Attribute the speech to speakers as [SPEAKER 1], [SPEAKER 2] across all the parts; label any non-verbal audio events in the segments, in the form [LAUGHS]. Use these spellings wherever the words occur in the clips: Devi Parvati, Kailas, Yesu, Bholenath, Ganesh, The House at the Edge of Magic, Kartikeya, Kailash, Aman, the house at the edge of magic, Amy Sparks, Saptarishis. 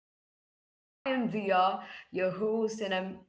[SPEAKER 1] podcast. I am Dia, your host, and I'm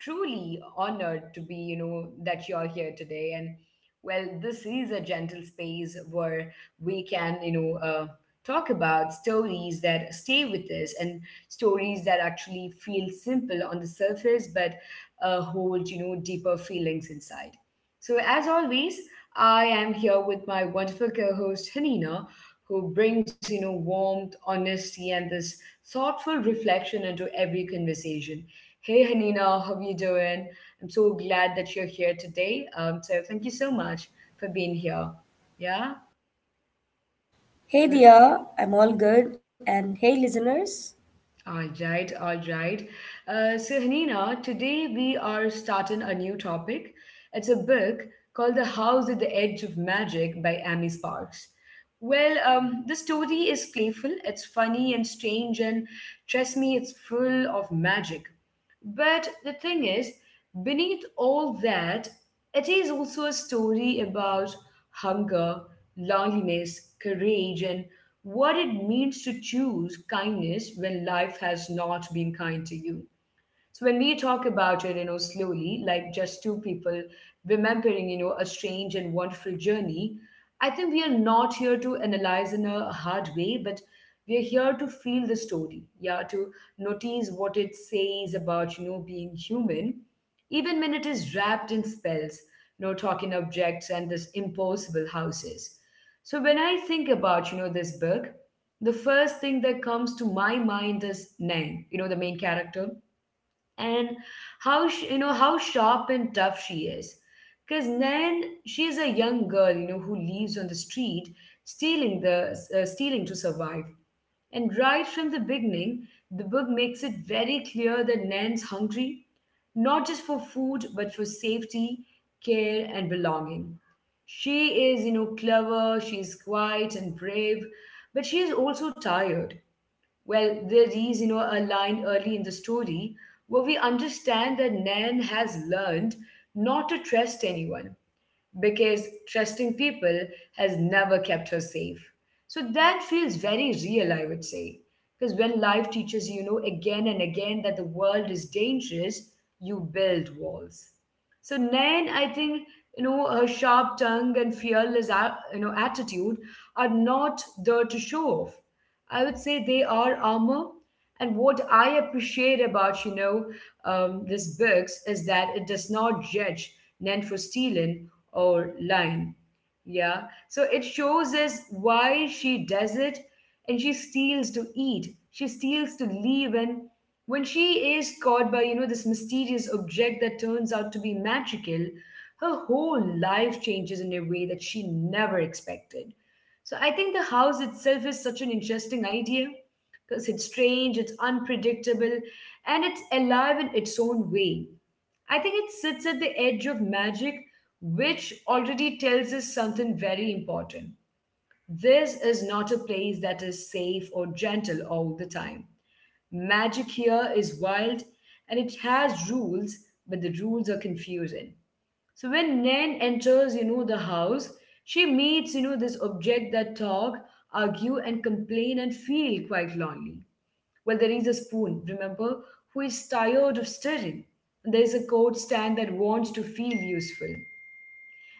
[SPEAKER 1] truly honored to be, that you're here today. And well, this is a gentle space where we can, talk about stories that stay with us and stories that actually feel simple on the surface but hold, deeper feelings inside. So as always, I am here with my wonderful co-host Hanina, who brings warmth, honesty, and this thoughtful reflection into every conversation. Hey Hanina, how you doing? I'm so glad that you're here today. So thank you so much for being here. Yeah.
[SPEAKER 2] Hey Dia, I'm all good. And hey listeners.
[SPEAKER 1] All right, all right. So, Hanina, today we are starting a new topic. It's a book called The House at the Edge of Magic by Amy Sparks. The story is playful, it's funny and strange, and trust me, it's full of magic. But the thing is, beneath all that, it is also a story about hunger, loneliness, courage, and what it means to choose kindness when life has not been kind to you. So when we talk about it, slowly, like just two people remembering, a strange and wonderful journey, I think we are not here to analyze in a hard way, but we are here to feel the story, yeah, to notice what it says about, being human, even when it is wrapped in spells, talking objects and this impossible houses. So when I think about, this book, the first thing that comes to my mind is Nang, the main character and how sh you know how sharp and tough she is. Because then she is a young girl, who lives on the street, stealing the stealing to survive. And right from the beginning, the book makes it very clear that Nan's hungry, not just for food, but for safety, care, and belonging. She is, clever, she is quiet and brave, but she is also tired. There is a line early in the story where we understand that Nan has learned not to trust anyone because trusting people has never kept her safe. So that feels very real, I would say. Because when life teaches you, again and again that the world is dangerous, you build walls. So Nayan, I think, her sharp tongue and fearless attitude are not there to show off. I would say they are armor. And what I appreciate about, this books is that it does not judge Nen for stealing or lying. Yeah. So it shows us why she does it and she steals to eat. She steals to live and when she is caught by, this mysterious object that turns out to be magical, her whole life changes in a way that she never expected. So I think the house itself is such an interesting idea because it's strange, it's unpredictable, and it's alive in its own way. I think it sits at the edge of magic, which already tells us something very important. This is not a place that is safe or gentle all the time. Magic here is wild and it has rules, but the rules are confusing. So when Nan enters, the house, she meets, this object that talk, argue, and complain and feel quite lonely. Well, there is a spoon, remember, who is tired of stirring. There is a coat stand that wants to feel useful.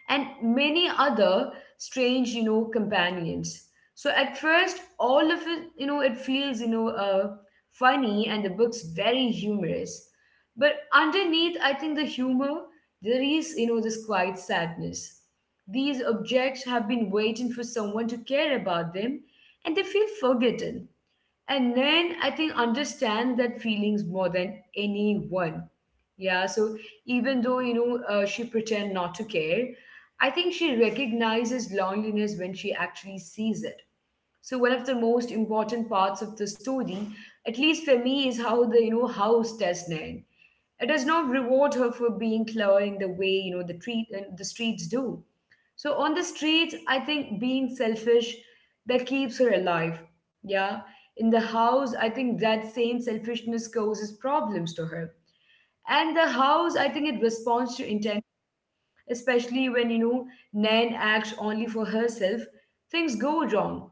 [SPEAKER 1] And many other strange, companions. So at first, all of it feels funny and the book's very humorous. But underneath, I think the humor, there is, this quiet sadness. These objects have been waiting for someone to care about them and they feel forgotten and then I think understand that feelings more than anyone yeah so even though she pretend not to care, I think she recognizes loneliness when she actually sees it. So one of the most important parts of the story, at least for me, is how the house does Nan. It does not reward her for being clever in the way the treat the streets do. So on the streets, I think being selfish that keeps her alive. Yeah, in the house, I think that same selfishness causes problems to her. And the house, I think it responds to intent, especially when Nan acts only for herself, things go wrong.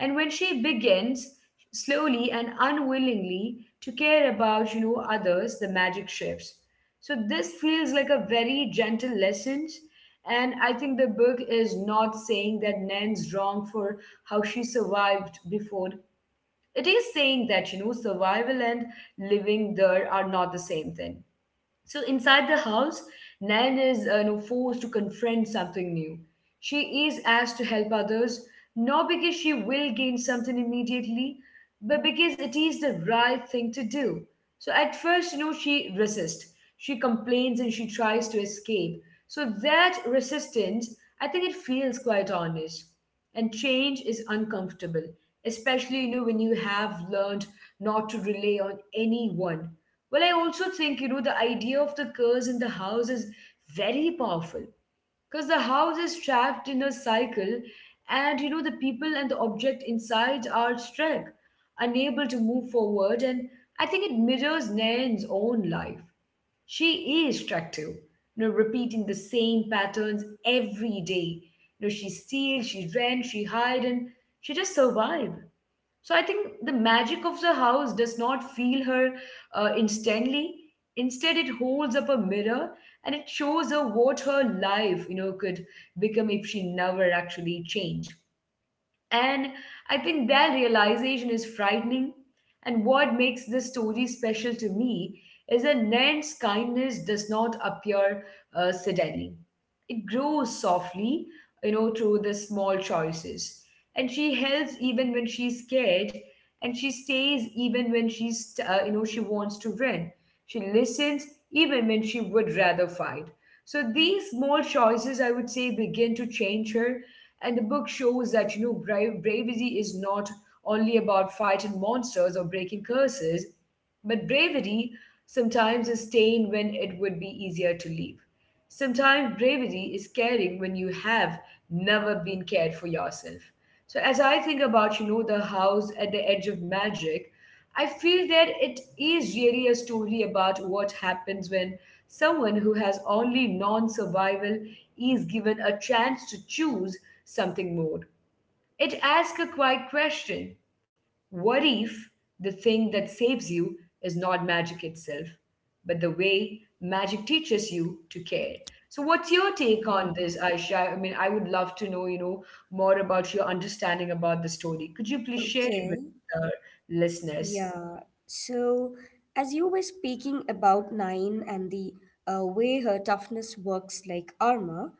[SPEAKER 1] And when she begins slowly and unwillingly to care about others, the magic shifts. So this feels like a very gentle lesson, and I think the book is not saying that Nan's wrong for how she survived before. It is saying that survival and living there are not the same thing. So inside the house, Nan is forced to confront something new. She is asked to help others, not because she will gain something immediately, but because it is the right thing to do. So at first, she resists. She complains and she tries to escape. So that resistance, I think it feels quite honest. And change is uncomfortable, especially when you have learned not to rely on anyone. Well, I also think the idea of the curse in the house is very powerful because the house is trapped in a cycle, and the people and the object inside are stuck, unable to move forward, and I think it mirrors Nan's own life. She is attractive, repeating the same patterns every day. You know, she steals, she rents, she hide, and she just survive. So I think the magic of the house does not feel her instantly. Instead, it holds up a mirror and it shows her what her life, could become if she never actually changed. And I think that realization is frightening. And what makes this story special to me is that Nan's kindness does not appear suddenly. It grows softly, through the small choices. And she helps even when she's scared, and she stays even when she's you know she wants to win. She listens even when she would rather fight. So these small choices, I would say, begin to change her. And the book shows that bravery is not only about fighting monsters or breaking curses, but bravery sometimes is staying when it would be easier to leave. Sometimes bravery is caring when you have never been cared for yourself. So as I think about, the house at the edge of magic, I feel that it is really a story about what happens when someone who has only non-survival is given a chance to choose something more. It asks a quiet question. What if the thing that saves you is not magic itself, but the way magic teaches you to care? So, what's your take on this,
[SPEAKER 2] Mhm.
[SPEAKER 1] Aisha? I mean, I would love to know, more about your understanding about the story. Could you please share it with
[SPEAKER 2] Okay,
[SPEAKER 1] our listeners?
[SPEAKER 2] yeah. So, as you were speaking about Nine and the way her toughness works like armor,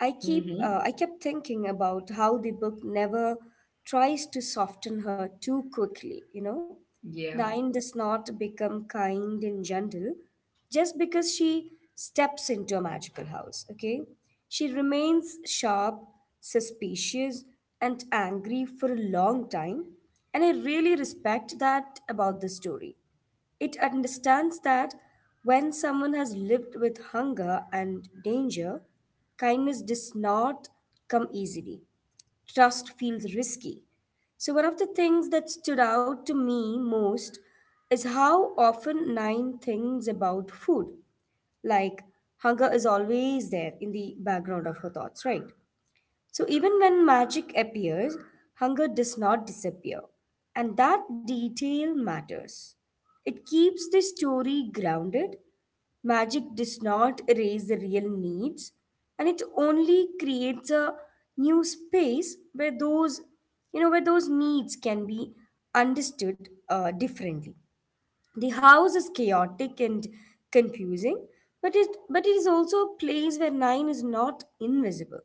[SPEAKER 2] I keep
[SPEAKER 1] Mm-hmm.
[SPEAKER 2] I kept thinking about how the book never tries to soften her too quickly?
[SPEAKER 1] Yeah.
[SPEAKER 2] Nine does not become kind and gentle just because she steps into a magical house, okay? She remains sharp, suspicious, and angry for a long time. And I really respect that about the story. It understands that when someone has lived with hunger and danger, kindness does not come easily. Trust feels risky. So, one of the things that stood out to me most is how often nine things about food, like hunger is always there in the background of her thoughts, right? So even when magic appears, hunger does not disappear. And that detail matters. It keeps the story grounded. Magic does not erase the real needs, and it only creates a new space where those you know where those needs can be understood differently. The house is chaotic and confusing, but it is also a place where nine is not invisible.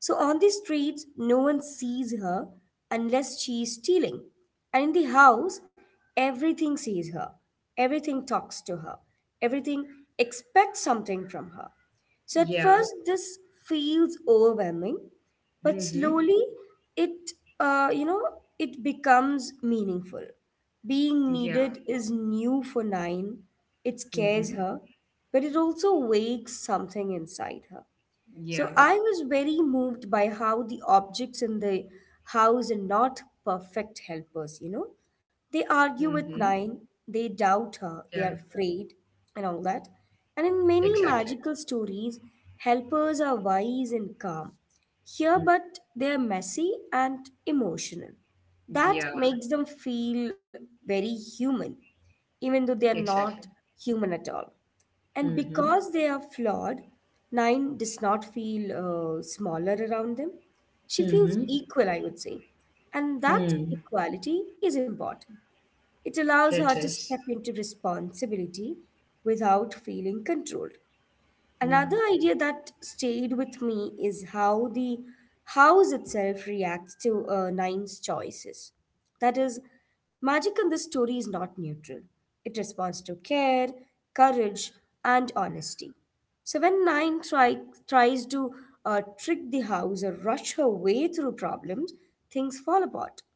[SPEAKER 2] So on the streets, no one sees her unless she is stealing. And in the house, everything sees her, everything talks to her, everything expects something from her. So at
[SPEAKER 1] Yeah.
[SPEAKER 2] first, this feels overwhelming, but
[SPEAKER 1] Mm-hmm.
[SPEAKER 2] slowly it, uh, you know, it becomes meaningful.
[SPEAKER 1] Yeah.
[SPEAKER 2] Being needed is new for Nine. It
[SPEAKER 1] Mm-hmm.
[SPEAKER 2] scares her, but it also wakes something inside her.
[SPEAKER 1] Yeah.
[SPEAKER 2] So I was very moved by how the objects in the house are not perfect helpers. They
[SPEAKER 1] Mm-hmm.
[SPEAKER 2] argue with Nine, they doubt
[SPEAKER 1] Yeah.
[SPEAKER 2] her, they are afraid, and all that. And in many
[SPEAKER 1] Exactly.
[SPEAKER 2] magical stories, helpers are wise and calm. Here,
[SPEAKER 1] Mm.
[SPEAKER 2] but they are messy and emotional.
[SPEAKER 1] Yeah.
[SPEAKER 2] That makes them feel very human, even though they are
[SPEAKER 1] Exactly.
[SPEAKER 2] not human at all. And
[SPEAKER 1] Mm-hmm.
[SPEAKER 2] because they are flawed, Nine does not feel smaller around them. She feels
[SPEAKER 1] Mm-hmm.
[SPEAKER 2] equal, I would say. And that
[SPEAKER 1] Hmm.
[SPEAKER 2] equality is important. It
[SPEAKER 1] It
[SPEAKER 2] allows
[SPEAKER 1] is.
[SPEAKER 2] her to step into responsibility without feeling controlled.
[SPEAKER 1] Yeah.
[SPEAKER 2] Another idea that stayed with me is how the house itself reacts to Nine's choices. That is, magic in this story is not neutral. It responds to care, courage, and honesty. So when tries to trick the house or rush her way through problems, things fall apart.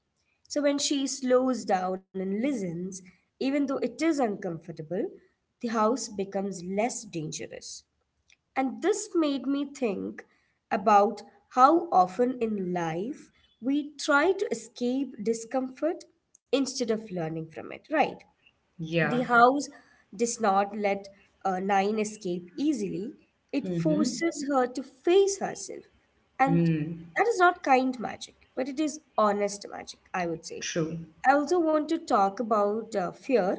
[SPEAKER 2] So when she slows down and listens, even though it is uncomfortable, the house becomes less dangerous. And this made me think about how often in life we try to escape discomfort instead of learning from it, right? The
[SPEAKER 1] Yeah.
[SPEAKER 2] house does not let Nine escape easily. It
[SPEAKER 1] Mhm.
[SPEAKER 2] forces her to face herself. And
[SPEAKER 1] Mm.
[SPEAKER 2] that is not kind magic, but it is honest magic, I would say.
[SPEAKER 1] True.
[SPEAKER 2] I also want to talk about fear.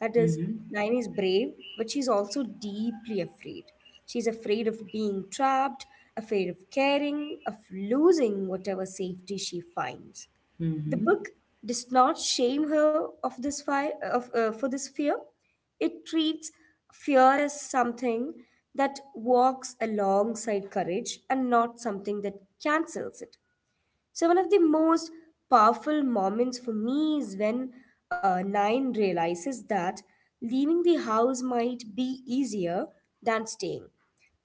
[SPEAKER 2] That is,
[SPEAKER 1] Mhm.
[SPEAKER 2] Nine is brave, but she's also deeply afraid. She's afraid of being trapped, afraid of caring, of losing whatever safety she finds. The book
[SPEAKER 1] Mhm.
[SPEAKER 2] does not shame her of for this fear. It treats fear as something that walks alongside courage and not something that cancels it. So, one of the most powerful moments for me is when Nine realizes that leaving the house might be easier than staying,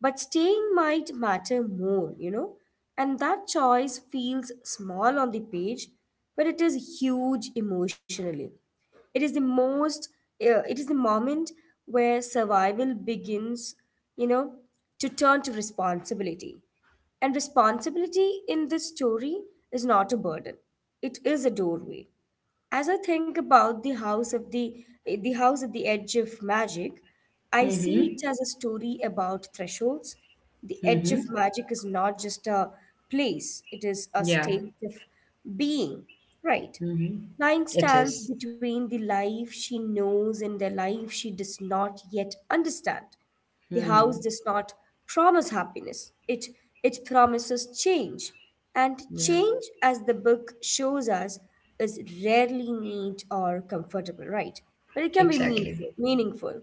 [SPEAKER 2] but staying might matter more, you know. And that choice feels small on the page, but it is huge emotionally. It is the moment where survival begins, you know, to turn to responsibility. And responsibility in this story is not a burden. It is a doorway. As I think about the house at the edge of magic, I see
[SPEAKER 1] Mhm.
[SPEAKER 2] it as a story about thresholds. The edge of
[SPEAKER 1] Mhm.
[SPEAKER 2] magic is not just a place, it is a
[SPEAKER 1] Yeah.
[SPEAKER 2] state of being, right?
[SPEAKER 1] Mhm.
[SPEAKER 2] Nine
[SPEAKER 1] It
[SPEAKER 2] stands
[SPEAKER 1] is.
[SPEAKER 2] between the life she knows and the life she does not yet understand. The house
[SPEAKER 1] Hmm.
[SPEAKER 2] does not promise happiness, it promises change. And
[SPEAKER 1] Yeah.
[SPEAKER 2] change, as the book shows us, is rarely neat or comfortable, right? But it can be
[SPEAKER 1] Exactly.
[SPEAKER 2] meaningful.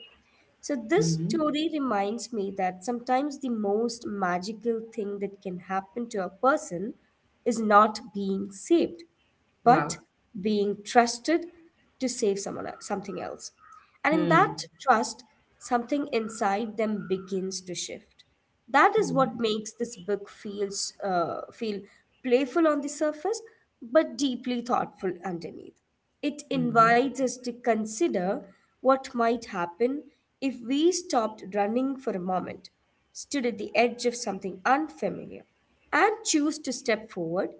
[SPEAKER 2] So, this
[SPEAKER 1] Mhm.
[SPEAKER 2] story reminds me that sometimes the most magical thing that can happen to a person is not being saved
[SPEAKER 1] Wow.
[SPEAKER 2] but being trusted to save something else. And in that
[SPEAKER 1] Hmm.
[SPEAKER 2] trust, something inside them begins to shift. That is what
[SPEAKER 1] Mhm.
[SPEAKER 2] makes this book feel playful on the surface, but deeply thoughtful underneath. It
[SPEAKER 1] Mhm.
[SPEAKER 2] invites us to consider what might happen if we stopped running for a moment, stood at the edge of something unfamiliar, and choose to step forward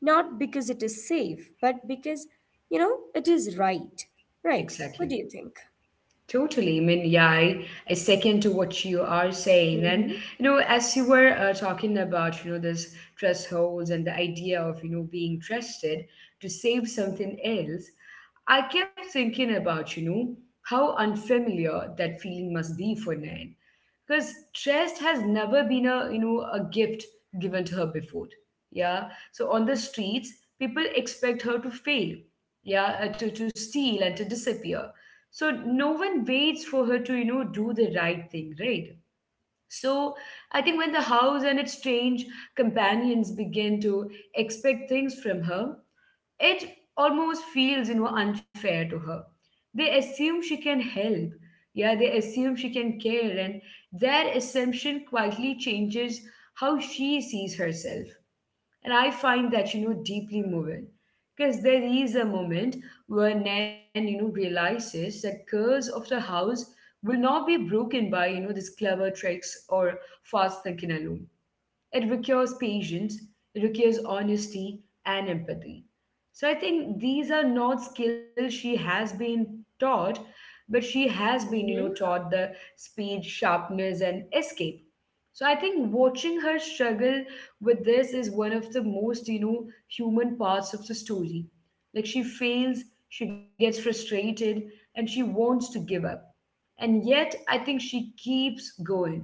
[SPEAKER 2] not because it is safe, but because, you know, it is right. Right. What do
[SPEAKER 1] Exactly.
[SPEAKER 2] you think?
[SPEAKER 1] Totally. I mean, yeah, I second to what you are saying. And,
[SPEAKER 2] Mm-hmm.
[SPEAKER 1] as you were talking about, this thresholds and the idea of, being trusted to save something else, I kept thinking about, how unfamiliar that feeling must be for Nan. Because trust has never been a gift given to her before. Yeah. So on the streets, people expect her to fail. Yeah. To to steal and to disappear, so no one waits for her to do the right thing, right? So I think when the house and its strange companions begin to expect things from her, it almost feels unfair to her. They assume she can help, yeah, they assume she can care, and their assumption quietly changes how she sees herself. And I find that deeply moving. Because there is a moment where Nan realizes that curse of the house will not be broken by these clever tricks or fast thinking alone. It requires patience, it requires honesty and empathy. So I think these are not skills she has been taught, but she has been,
[SPEAKER 2] Mm-hmm.
[SPEAKER 1] taught the speed, sharpness, and escape. So I think watching her struggle with this is one of the most, human parts of the story. Like she fails, she gets frustrated, and she wants to give up. And yet, I think she keeps going.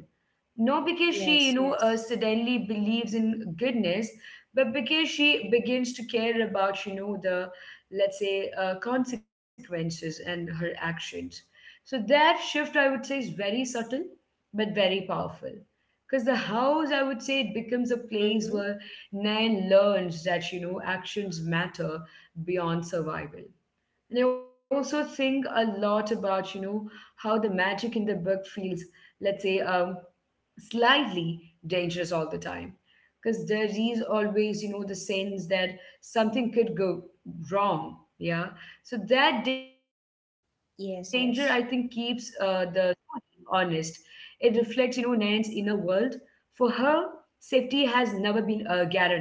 [SPEAKER 1] Not because she,
[SPEAKER 2] Yes, yes.
[SPEAKER 1] suddenly believes in goodness, but because she begins to care about, the, let's say, consequences and her actions. So that shift, I would say, is very subtle, but very powerful. Because the house, I would say, it becomes a place
[SPEAKER 2] Mm-hmm.
[SPEAKER 1] where Nan learns that, actions matter beyond survival. And I also think a lot about, how the magic in the book feels, let's say, slightly dangerous all the time, because there is always the sense that something could go wrong. Yeah. So that danger, I think, keeps
[SPEAKER 2] Yes,
[SPEAKER 1] the
[SPEAKER 2] yes.
[SPEAKER 1] story honest. It reflects, Nan's inner world. For her, safety has never been guaranteed,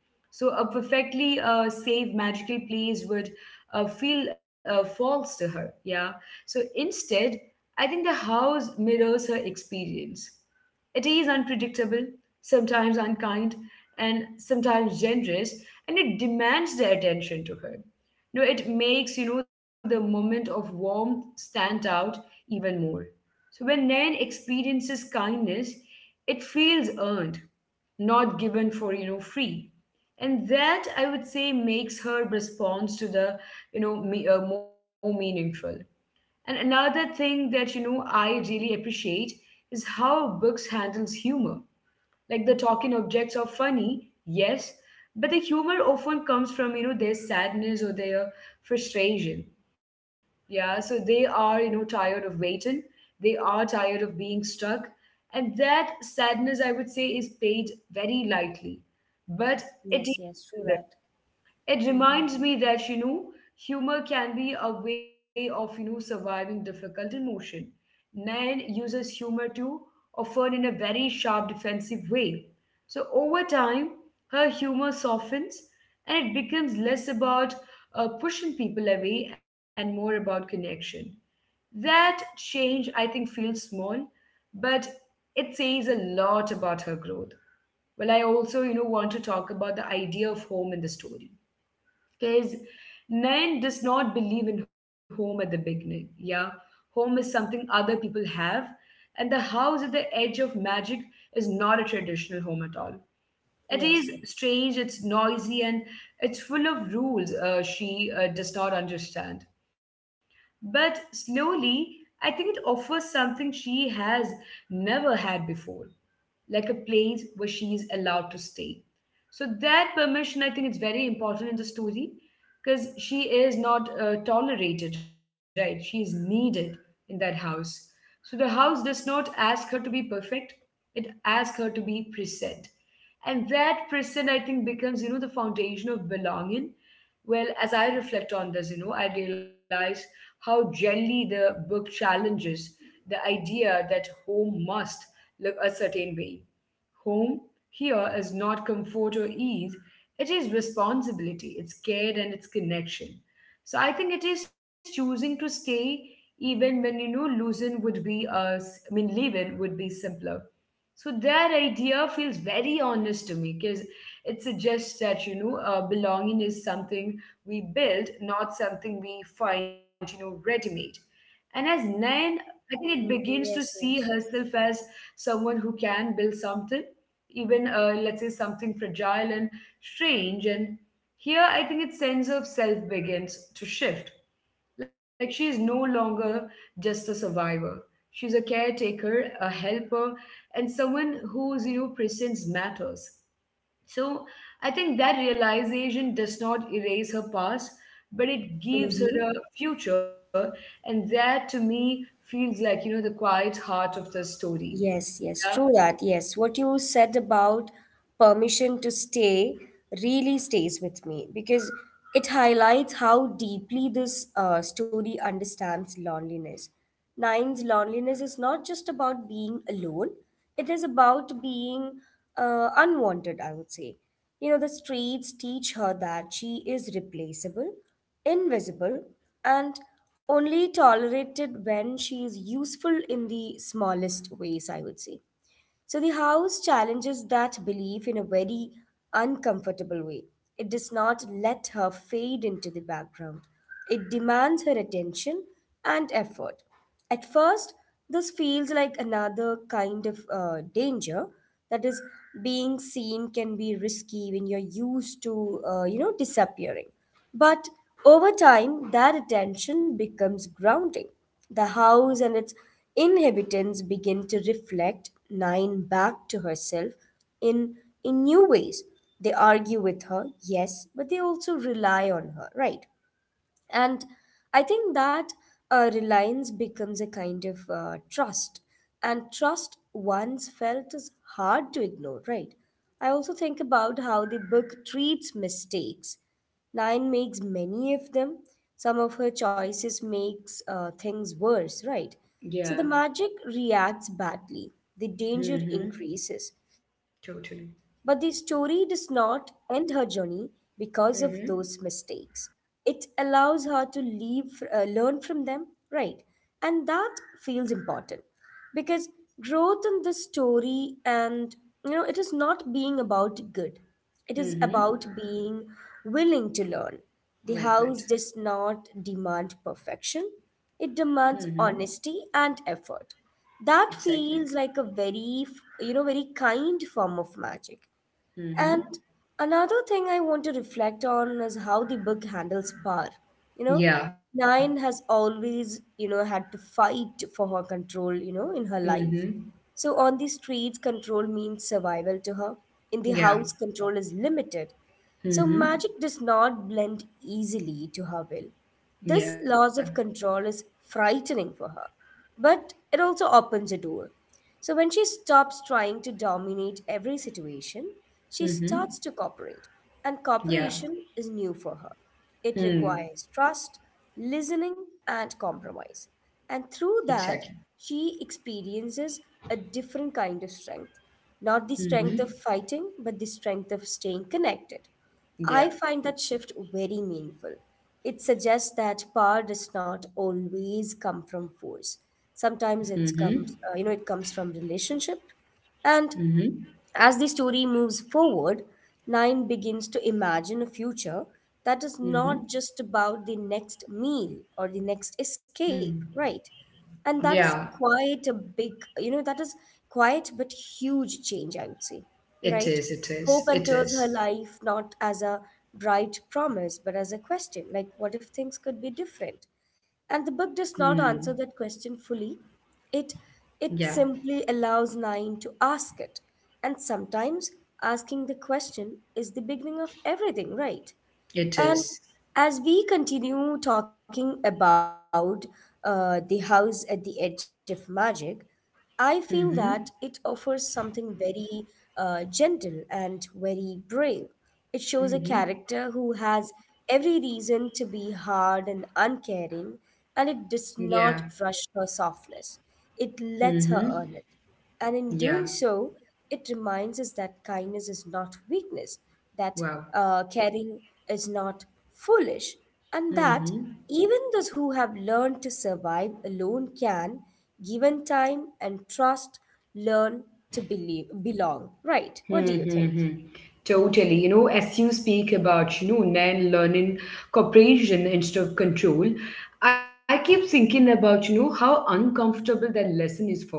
[SPEAKER 1] so a perfectly safe magical place would feel false to her. Yeah. So instead, I think the house mirrors her experience. It is unpredictable, sometimes unkind, and sometimes generous, and it demands the attention to her. No, it makes the moment of warmth stand out even more. So when Nan experiences kindness, it feels earned, not given for free. And that, I would say, makes her response to the me, more meaningful. And another thing that I really appreciate is how books handles humor. Like, the talking objects are funny, yes, but the humor often comes from their sadness or their frustration. Yeah, so they are tired of waiting, they are tired of being stuck, and that sadness, I would say, is paid very lightly, but it
[SPEAKER 2] Yes, yes, true
[SPEAKER 1] is
[SPEAKER 2] that.
[SPEAKER 1] it
[SPEAKER 2] Mm-hmm.
[SPEAKER 1] reminds me that, humor can be a way of, surviving difficult emotion. Man uses humor too, often in a very sharp defensive way. So over time, her humor softens and it becomes less about pushing people away and more about connection. That change, I think, feels small, but it says a lot about her growth. Well, I also, want to talk about the idea of home in the story, because Nayan does not believe in home at the beginning. Yeah. Home is something other people have. And the house at the edge of magic is not a traditional home at all. It
[SPEAKER 2] Yes, yes.
[SPEAKER 1] is strange, it's noisy, and it's full of rules she does not understand. But slowly, I think it offers something she has never had before, like a place where she is allowed to stay. So that permission, I think, is very important in the story, because she is not tolerated, right? She is needed in that house. So the house does not ask her to be perfect; it asks her to be present, and that present, I think, becomes the foundation of belonging. Well, as I reflect on this, I realize how gently the book challenges the idea that home must look a certain way. Home here is not comfort or ease, it is responsibility, it's care, and it's connection. So I think it is choosing to stay even when losing would be I mean leaving would be simpler. So that idea feels very honest to me, because it suggests that belonging is something we build, not something we find ready-made. And as Nan, I think it begins
[SPEAKER 2] Mm-hmm.
[SPEAKER 1] to see
[SPEAKER 2] Yes, yes.
[SPEAKER 1] herself as someone who can build something, even let's say something fragile and strange. And here, I think, its sense of self begins to shift. Like, she is no longer just a survivor, she's a caretaker, a helper, and someone whose presence matters. So I think that realization does not erase her past, but it gives her
[SPEAKER 2] Mm-hmm.
[SPEAKER 1] a future. And that, to me, feels like the quiet heart of the story.
[SPEAKER 2] Yes, yes,
[SPEAKER 1] Yeah,
[SPEAKER 2] true that. Yes, what you said about permission to stay really stays with me because it highlights how deeply this story understands loneliness. Nine's loneliness is not just about being alone, it is about being unwanted, I would say. You know, the streets teach her that she is replaceable, invisible, and only tolerated when she is useful in the smallest ways, I would say. So the house challenges that belief in a very uncomfortable way. It does not let her fade into the background, it demands her attention and effort. At first, this feels like another kind of danger. That is, being seen can be risky when you're used to, you know, disappearing. But over time, that attention becomes grounding. The house and its inhabitants begin to reflect Nine back to herself in, in new ways. They argue with her, yes, but they also rely on her, right? And I think that reliance becomes a kind of trust. And trust once felt is hard to ignore, right? I also think about how the book treats mistakes. Nine makes many of them. Some of her choices makes things worse, right?
[SPEAKER 1] yeah.
[SPEAKER 2] So the magic reacts badly. The danger
[SPEAKER 1] Hmm.
[SPEAKER 2] increases. But the
[SPEAKER 1] Totally.
[SPEAKER 2] story does not end her journey because of those
[SPEAKER 1] Mm-hmm.
[SPEAKER 2] mistakes. It allows her to learn from them, right? And that feels important because growth in this story, and you know, it is not being about good, it is
[SPEAKER 1] Mm-hmm.
[SPEAKER 2] about being willing to learn. The
[SPEAKER 1] Well
[SPEAKER 2] house
[SPEAKER 1] put.
[SPEAKER 2] does not demand perfection, it demands
[SPEAKER 1] Mm-hmm.
[SPEAKER 2] honesty and effort. That
[SPEAKER 1] Exactly.
[SPEAKER 2] feels like a very f- you know very kind form of magic.
[SPEAKER 1] Mm-hmm.
[SPEAKER 2] And another thing I want to reflect on is how the book handles power. You know,
[SPEAKER 1] Yeah.
[SPEAKER 2] Nine has always, you know, had to fight for her control, you know, in her life.
[SPEAKER 1] Mm-hmm.
[SPEAKER 2] So on the streets, control means survival to her. In the
[SPEAKER 1] Yeah.
[SPEAKER 2] house, control is limited. So
[SPEAKER 1] Mm-hmm.
[SPEAKER 2] magic does not blend easily to her will. This
[SPEAKER 1] Yeah.
[SPEAKER 2] loss of control is frightening for her, but it also opens a door. So when she stops trying to dominate every situation, she
[SPEAKER 1] Mm-hmm.
[SPEAKER 2] starts to cooperate. And
[SPEAKER 1] Yeah.
[SPEAKER 2] cooperation is new for her. It
[SPEAKER 1] Hmm.
[SPEAKER 2] requires trust, listening, and compromise. And through
[SPEAKER 1] Exactly.
[SPEAKER 2] that, she experiences a different kind of strength. Not the strength
[SPEAKER 1] Mm-hmm.
[SPEAKER 2] of fighting, but the strength of staying connected. I
[SPEAKER 1] Yeah.
[SPEAKER 2] find that shift very meaningful. It suggests that power does not always come from force. Sometimes it
[SPEAKER 1] Mm-hmm.
[SPEAKER 2] comes, uh, you know, it comes from relationship, and
[SPEAKER 1] Mm-hmm.
[SPEAKER 2] as the story moves forward, Nine begins to imagine a future that is
[SPEAKER 1] Mm-hmm.
[SPEAKER 2] not just about the next meal or the next
[SPEAKER 1] Hmm.
[SPEAKER 2] escape, right? And
[SPEAKER 1] Yeah.
[SPEAKER 2] that is quite a big, you know, that is quite but huge change, I would say,
[SPEAKER 1] It
[SPEAKER 2] right?
[SPEAKER 1] is. It
[SPEAKER 2] Hope
[SPEAKER 1] is. It
[SPEAKER 2] enters
[SPEAKER 1] is.
[SPEAKER 2] her life not as a bright promise, but as a question like, what if things could be different? And the book
[SPEAKER 1] Hmm.
[SPEAKER 2] does not answer that question fully, it
[SPEAKER 1] Yeah.
[SPEAKER 2] it simply allows nine to ask it. And sometimes asking the question is the beginning of everything, right?
[SPEAKER 1] It
[SPEAKER 2] And
[SPEAKER 1] is.
[SPEAKER 2] as we continue talking about the house at the edge of magic, I feel that it
[SPEAKER 1] Mm-hmm.
[SPEAKER 2] offers something very gentle and very brave. It shows a character
[SPEAKER 1] Mm-hmm.
[SPEAKER 2] who has every reason to be hard and uncaring, and it does
[SPEAKER 1] Yeah.
[SPEAKER 2] not rush her softness. It lets her
[SPEAKER 1] Mm-hmm.
[SPEAKER 2] earn it. And in
[SPEAKER 1] Yeah.
[SPEAKER 2] doing so, it reminds us that kindness is not weakness, that
[SPEAKER 1] Wow.
[SPEAKER 2] caring is not foolish, and that
[SPEAKER 1] Mm-hmm.
[SPEAKER 2] even those who have learned to survive alone can, given time and trust, learn to believe, belong. Right? What do you think?
[SPEAKER 1] Mm-hmm. Totally. You know, as you speak about, Nan learning cooperation instead of control, I keep thinking about, how uncomfortable that lesson is for her.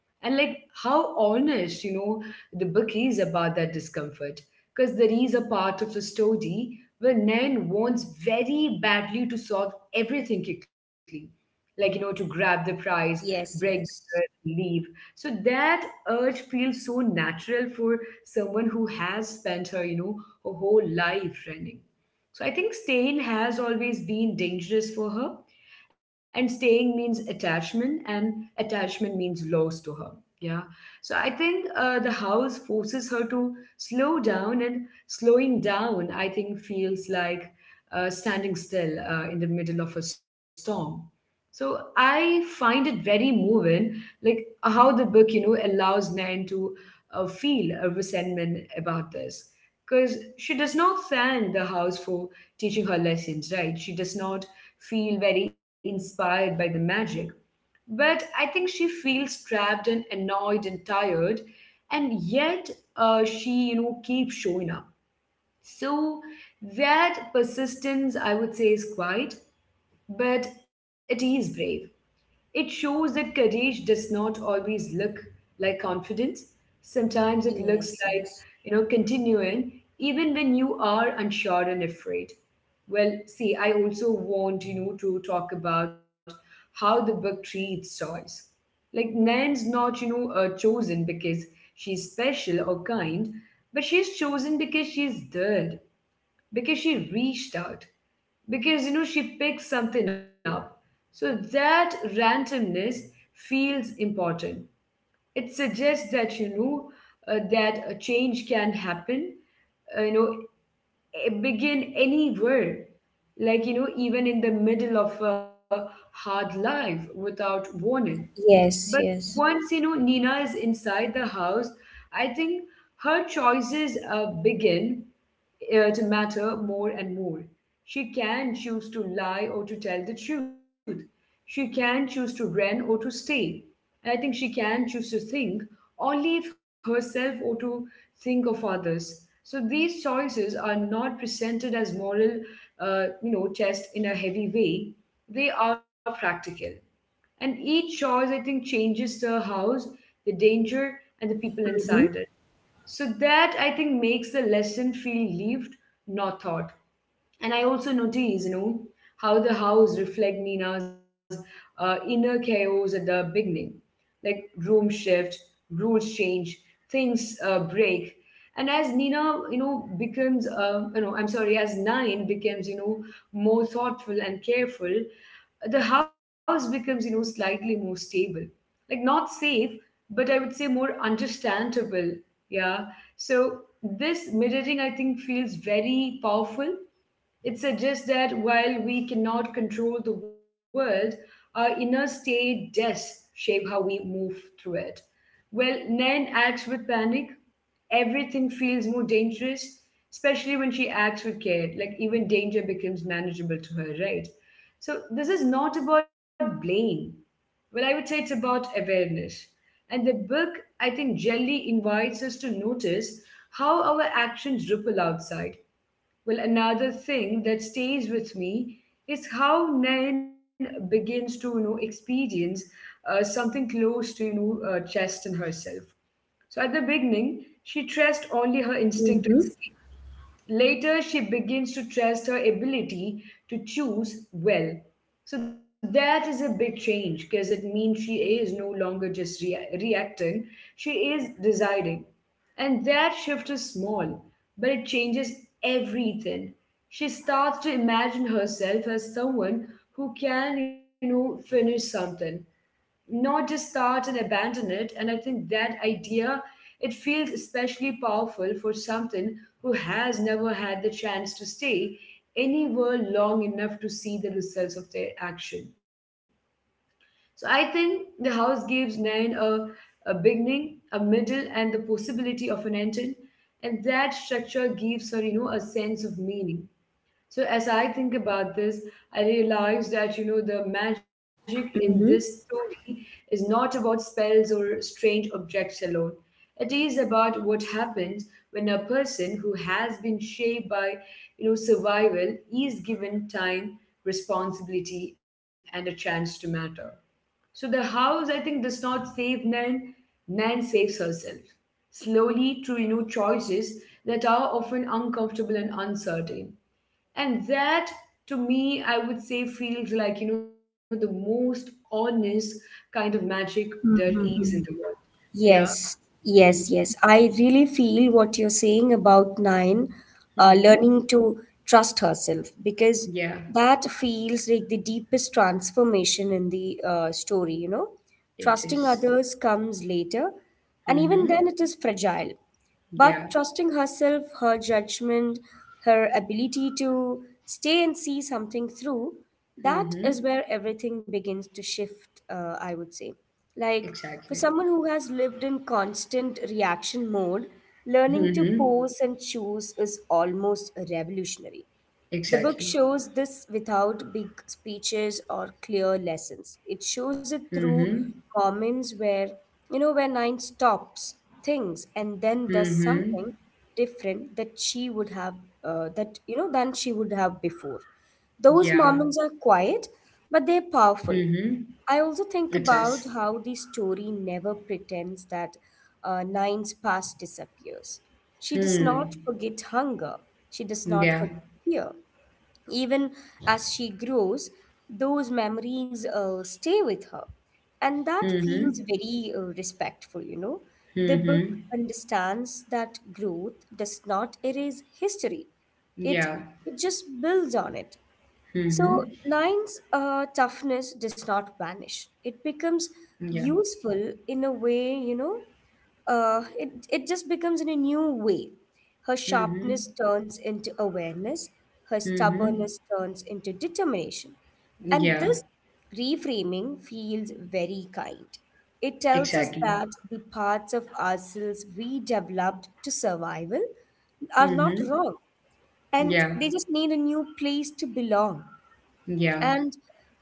[SPEAKER 1] And like, how honest, the book is about that discomfort. Because there is a part of the story where Nan wants very badly to solve everything quickly. Like, to grab the prize, break the
[SPEAKER 2] Yes,
[SPEAKER 1] curse,
[SPEAKER 2] yes,
[SPEAKER 1] leave. So that urge feels so natural for someone who has spent her whole life running. So I think staying has always been dangerous for her. And staying means attachment, and attachment means loss to her. Yeah. So I think the house forces her to slow down, and slowing down, I think, feels like standing still in the middle of a storm. So I find it very moving, like how the book, allows Nan to feel a resentment about this, because she does not thank the house for teaching her lessons, right? She does not feel very inspired by the magic. But I think she feels trapped and annoyed and tired, and yet she, keeps showing up. So that persistence, I would say, is quiet, but it is brave. It shows that courage does not always look like confidence. Sometimes it looks
[SPEAKER 2] yes,
[SPEAKER 1] like,
[SPEAKER 2] yes,
[SPEAKER 1] continuing even when you are unsure and afraid. Well, see, I also want, to talk about how the book treats choice. Like, Nan's not, chosen because she's special or kind, but she's chosen because she's dead, because she reached out, because she picked something up. So that randomness feels important. It suggests that a change can happen, uh, you know begin anywhere, like, even in the middle of a hard life without warning. But
[SPEAKER 2] yes, yes.
[SPEAKER 1] once, Nina is inside the house, I think her choices begin to matter more and more. She can choose to lie or to tell the truth. She can choose to run or to stay. And I think she can choose to think only of herself or to think of others. So these choices are not presented as moral, test in a heavy way. They are practical. And each choice, I think, changes the house, the danger, and the people
[SPEAKER 2] Mm-hmm.
[SPEAKER 1] inside it. So that, I think, makes the lesson feel lived, not taught. And I also notice, how the house reflect Nina's inner chaos at the beginning. Like, room shift, rules change, things break. And as Nina, becomes, I'm sorry, as Nine becomes, more thoughtful and careful, the house becomes, slightly more stable, like not safe, but I would say more understandable. Yeah. So this mirroring, I think, feels very powerful. It suggests that while we cannot control the world, our inner state does shape how we move through it. Well, Nan acts with panic. Everything feels more dangerous, especially when she acts with care. Like, even danger becomes manageable to her, right? So this is not about blame. Well, I would say it's about awareness. And the book, I think, generally invites us to notice how our actions ripple outside. Well, another thing that stays with me is how Nayan begins to, experience something close to, trust in herself. So at the beginning, she trusts only her instinct to. Later, she begins to trust her ability to choose well. So that is a big change, because it means she is no longer just reacting, she is deciding. And that shift is small, but it changes everything. She starts to imagine herself as someone who can, finish something, not just start and abandon it. And I think that idea, it feels especially powerful for something who has never had the chance to stay anywhere long enough to see the results of their action. So I think the house gives nine a beginning, a middle, and the possibility of an ending. And that structure gives her, a sense of meaning. So as I think about this, I realize that the magic in this
[SPEAKER 2] Mm-hmm.
[SPEAKER 1] story is not about spells or strange objects alone. It is about what happens when a person who has been shaped by survival is given time, responsibility, and a chance to matter. So the house, I think, does not save Nan. Nan saves herself slowly through choices that are often uncomfortable and uncertain. And that, to me, I would say, feels like the most honest kind of magic there is in the
[SPEAKER 2] Mm-hmm.
[SPEAKER 1] world. Yeah.
[SPEAKER 2] Yes, yes,
[SPEAKER 1] Mm-hmm.
[SPEAKER 2] yes. I really feel what you're saying about Nine
[SPEAKER 1] Mm-hmm.
[SPEAKER 2] learning to trust herself because
[SPEAKER 1] Yeah.
[SPEAKER 2] that feels like the deepest transformation in the story, you know.
[SPEAKER 1] It
[SPEAKER 2] Trusting
[SPEAKER 1] is.
[SPEAKER 2] others comes later, and even
[SPEAKER 1] Mm-hmm.
[SPEAKER 2] then, it is fragile.
[SPEAKER 1] Yeah.
[SPEAKER 2] But trusting herself, her judgment, her ability to stay and see something through, that is
[SPEAKER 1] Mm-hmm.
[SPEAKER 2] where everything begins to shift, I would say. Like
[SPEAKER 1] Exactly.
[SPEAKER 2] for someone who has lived in constant reaction mode, learning to
[SPEAKER 1] Mm-hmm.
[SPEAKER 2] pause and choose is almost revolutionary. The book
[SPEAKER 1] Exactly.
[SPEAKER 2] shows this without big speeches or clear lessons. It shows it
[SPEAKER 1] Mm-hmm.
[SPEAKER 2] through moments where, where Nine stops, thinks, and then does something
[SPEAKER 1] Mm-hmm.
[SPEAKER 2] different that she would have, that, you know, than she would have before. Those
[SPEAKER 1] Yeah.
[SPEAKER 2] moments are quiet, but they're
[SPEAKER 1] Mm-hmm.
[SPEAKER 2] powerful. I
[SPEAKER 1] It
[SPEAKER 2] also think
[SPEAKER 1] is.
[SPEAKER 2] about how the story never pretends that Nine's past disappears. She does
[SPEAKER 1] Hmm.
[SPEAKER 2] not forget hunger. She does not
[SPEAKER 1] Yeah.
[SPEAKER 2] forget fear. Even as she grows, those memories stay with her. And that
[SPEAKER 1] Mm-hmm.
[SPEAKER 2] feels very respectful, The book
[SPEAKER 1] Mm-hmm.
[SPEAKER 2] understands that growth does not erase history, it,
[SPEAKER 1] Yeah.
[SPEAKER 2] it just builds on it. So,
[SPEAKER 1] Mm-hmm.
[SPEAKER 2] Nine's toughness does not vanish, it becomes
[SPEAKER 1] Yeah.
[SPEAKER 2] useful in a way, it just becomes in a new way. Her sharpness
[SPEAKER 1] Mm-hmm.
[SPEAKER 2] turns into awareness, her stubbornness
[SPEAKER 1] Mm-hmm.
[SPEAKER 2] turns into determination. And
[SPEAKER 1] Yeah,
[SPEAKER 2] this reframing feels very kind. It tells us
[SPEAKER 1] exactly.
[SPEAKER 2] that the parts of ourselves we developed to survival are not
[SPEAKER 1] Mm-hmm.
[SPEAKER 2] wrong and
[SPEAKER 1] Yeah,
[SPEAKER 2] they just need a new place to belong.
[SPEAKER 1] yeah.
[SPEAKER 2] And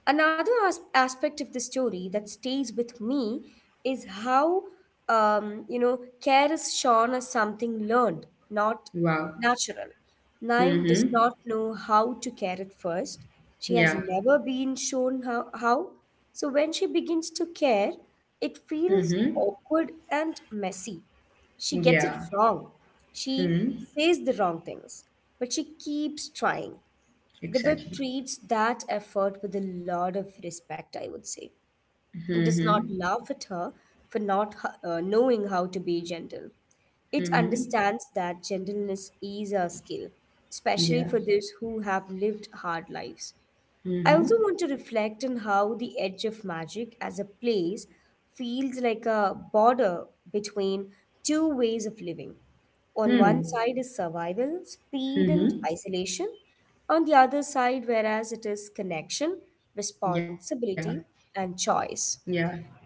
[SPEAKER 2] another aspect of the story that stays with me is how care is shown as something learned, not
[SPEAKER 1] Wow.
[SPEAKER 2] natural. Nine does
[SPEAKER 1] Mm-hmm.
[SPEAKER 2] not know how to care at first. She has
[SPEAKER 1] Yeah.
[SPEAKER 2] never been shown how. So when she begins to care, it feels
[SPEAKER 1] Mm-hmm.
[SPEAKER 2] awkward and messy. She gets it
[SPEAKER 1] Yeah.
[SPEAKER 2] wrong. She
[SPEAKER 1] Mm-hmm.
[SPEAKER 2] says the wrong things, but she keeps trying. The book
[SPEAKER 1] Exactly.
[SPEAKER 2] treats that effort with a lot of respect, I would say. It
[SPEAKER 1] Mm-hmm.
[SPEAKER 2] does not laugh at her for not knowing how to be gentle. It
[SPEAKER 1] Mm-hmm.
[SPEAKER 2] understands that gentleness is a skill, especially
[SPEAKER 1] Yeah.
[SPEAKER 2] for those who have lived hard lives. I also want
[SPEAKER 1] Mm-hmm.
[SPEAKER 2] to reflect on how the edge of magic as a place feels like a border between two ways of living. On one
[SPEAKER 1] Hmm.
[SPEAKER 2] side is survival, speed, and
[SPEAKER 1] Mm-hmm.
[SPEAKER 2] isolation. On the other side, whereas it is connection,
[SPEAKER 1] Yeah.
[SPEAKER 2] responsibility, and
[SPEAKER 1] Yeah.
[SPEAKER 2] choice.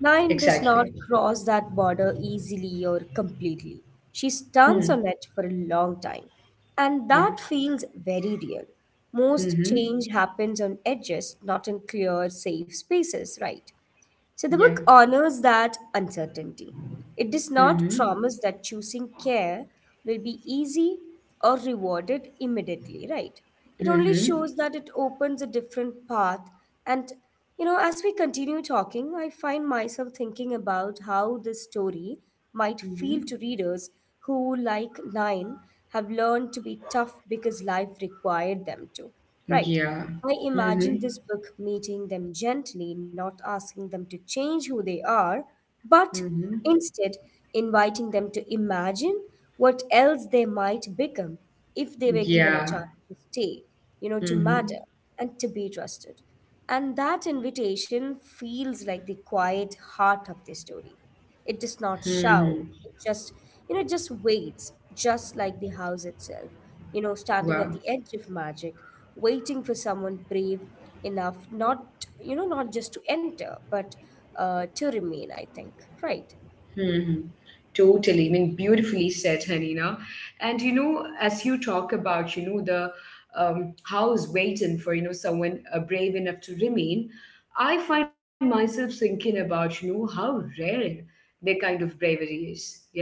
[SPEAKER 2] Nine does not cross that border easily or completely. She
[SPEAKER 1] Hmm.
[SPEAKER 2] stands on it for a long time, and
[SPEAKER 1] Yeah.
[SPEAKER 2] that feels very real. Most
[SPEAKER 1] Mm-hmm.
[SPEAKER 2] change happens on edges, not in clear, safe spaces, right?
[SPEAKER 1] Yeah.
[SPEAKER 2] So the book honors that uncertainty. It does not
[SPEAKER 1] Mm-hmm.
[SPEAKER 2] promise that choosing care will be easy or rewarded immediately, right? It only
[SPEAKER 1] Mm-hmm.
[SPEAKER 2] shows that it opens a different path. And, as we continue talking, I find myself thinking about how this story might feel
[SPEAKER 1] Mm-hmm.
[SPEAKER 2] to readers who, like Nine, have learned to be tough because life required them to. Right.
[SPEAKER 1] Yeah.
[SPEAKER 2] I imagine
[SPEAKER 1] Mm-hmm.
[SPEAKER 2] this book meeting them gently, not asking them to change who they are, but
[SPEAKER 1] Mm-hmm.
[SPEAKER 2] instead inviting them to imagine what else they might become if they were given a
[SPEAKER 1] Yeah.
[SPEAKER 2] chance to stay, to matter
[SPEAKER 1] Mm-hmm.
[SPEAKER 2] and to be trusted. And that invitation feels like the quiet heart of the story. It does not
[SPEAKER 1] Mm-hmm.
[SPEAKER 2] shout. It just waits, just like the house itself,
[SPEAKER 1] Wow.
[SPEAKER 2] standing at the edge of magic, waiting for someone brave enough, not, you know, not just to enter, but to remain, I think. Right.
[SPEAKER 1] Hmm. Totally. I mean, beautifully said, Hanina. And as you talk about, the house waiting for, someone brave enough to remain, I find myself thinking about, how rare their kind of bravery is. Yeah.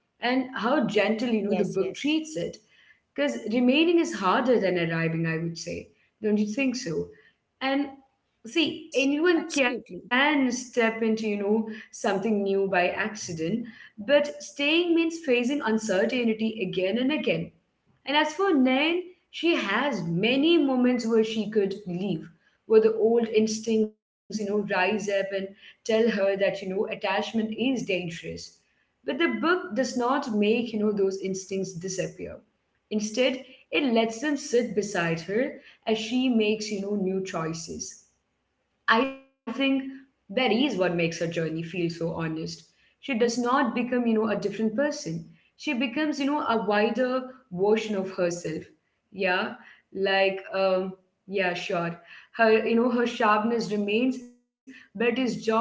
[SPEAKER 1] And how gentle, the
[SPEAKER 2] Yes,
[SPEAKER 1] book
[SPEAKER 2] yes.
[SPEAKER 1] treats it. Because remaining is harder than arriving, I would say. Don't you think so? And see,
[SPEAKER 2] Yes,
[SPEAKER 1] anyone can
[SPEAKER 2] absolutely.
[SPEAKER 1] step into, something new by accident, but staying means facing uncertainty again and again. And as for Nain, she has many moments where she could leave, where the old instincts, rise up and tell her that, attachment is dangerous. But the book does not make, those instincts disappear. Instead, it lets them sit beside her as she makes, new choices. I think that is what makes her journey feel so honest. She does not become, a different person. She becomes, a wider version of herself. Yeah, like, yeah, sure. Her sharpness remains, but is joined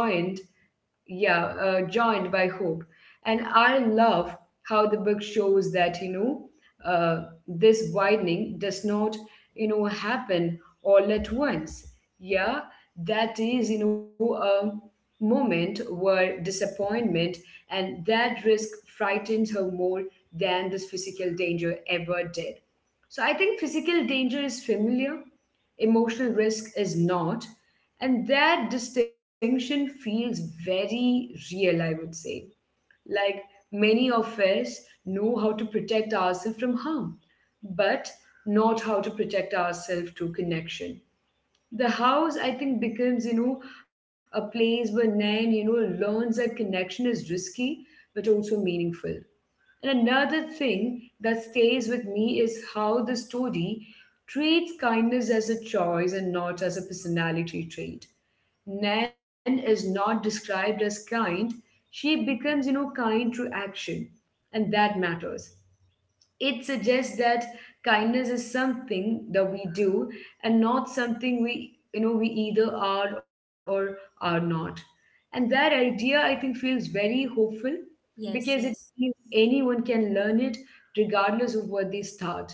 [SPEAKER 1] yeah, uh, joined by hope. And I love how the book shows that, uh, this widening does not, happen all at once. Yeah, that is, a moment where disappointment and that risk frightens her more than this physical danger ever did. So I think physical danger is familiar, emotional risk is not. And that distinction feels very real, I would say. Like many of us know how to protect ourselves from harm, but not how to protect ourselves to connection. The house, I think, becomes, a place where Nan, learns that connection is risky but also meaningful. And another thing that stays with me is how the story treats kindness as a choice and not as a personality trait. Nan is not described as kind, she becomes, kind through action, and that matters. It suggests that kindness is something that we do and not something we either are or are not. And that idea, I think, feels very hopeful because it
[SPEAKER 2] Yes, yes.
[SPEAKER 1] means anyone can learn it regardless of what they start.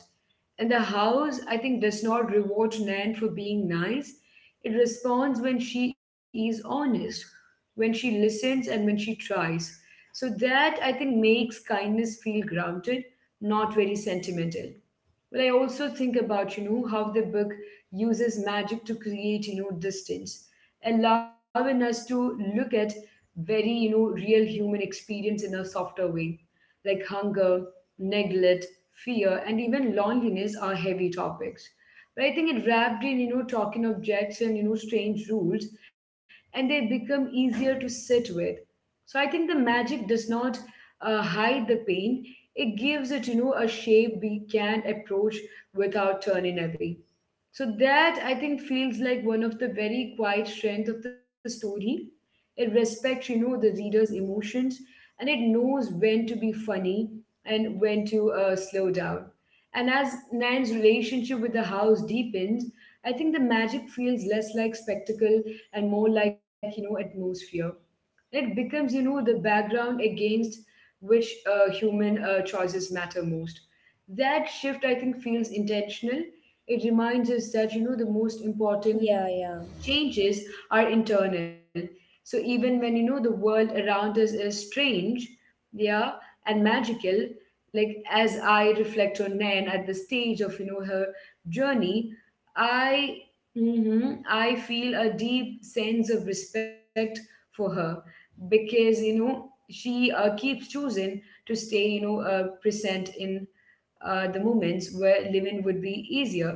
[SPEAKER 1] And the house, I think, does not reward Nan for being nice. It responds when she is honest, when she listens, and when she tries. So that, I think, makes kindness feel grounded, not very sentimental. But I also think about, how the book uses magic to create, distance, allowing us to look at very, real human experience in a softer way. Like hunger, neglect, fear, and even loneliness are heavy topics. But I think it wrapped in, talking objects and, strange rules, and they become easier to sit with. So I think the magic does not hide the pain, it gives it, a shape we can approach without turning away. So that I think feels like one of the very quiet strength of the story. It respects, the reader's emotions, and it knows when to be funny and when to slow down. And as Nan's relationship with the house deepens, I think the magic feels less like spectacle and more like, atmosphere. It becomes the background against which human choices matter most. That shift, I think, feels intentional. It reminds us that the most important
[SPEAKER 2] Yeah, yeah.
[SPEAKER 1] changes are internal. So even when the world around us is strange, yeah, and magical, like as I reflect on Nan at the stage of her journey, I mhm, I feel a deep sense of respect for her, because she keeps choosing to stay present in the moments where living would be easier.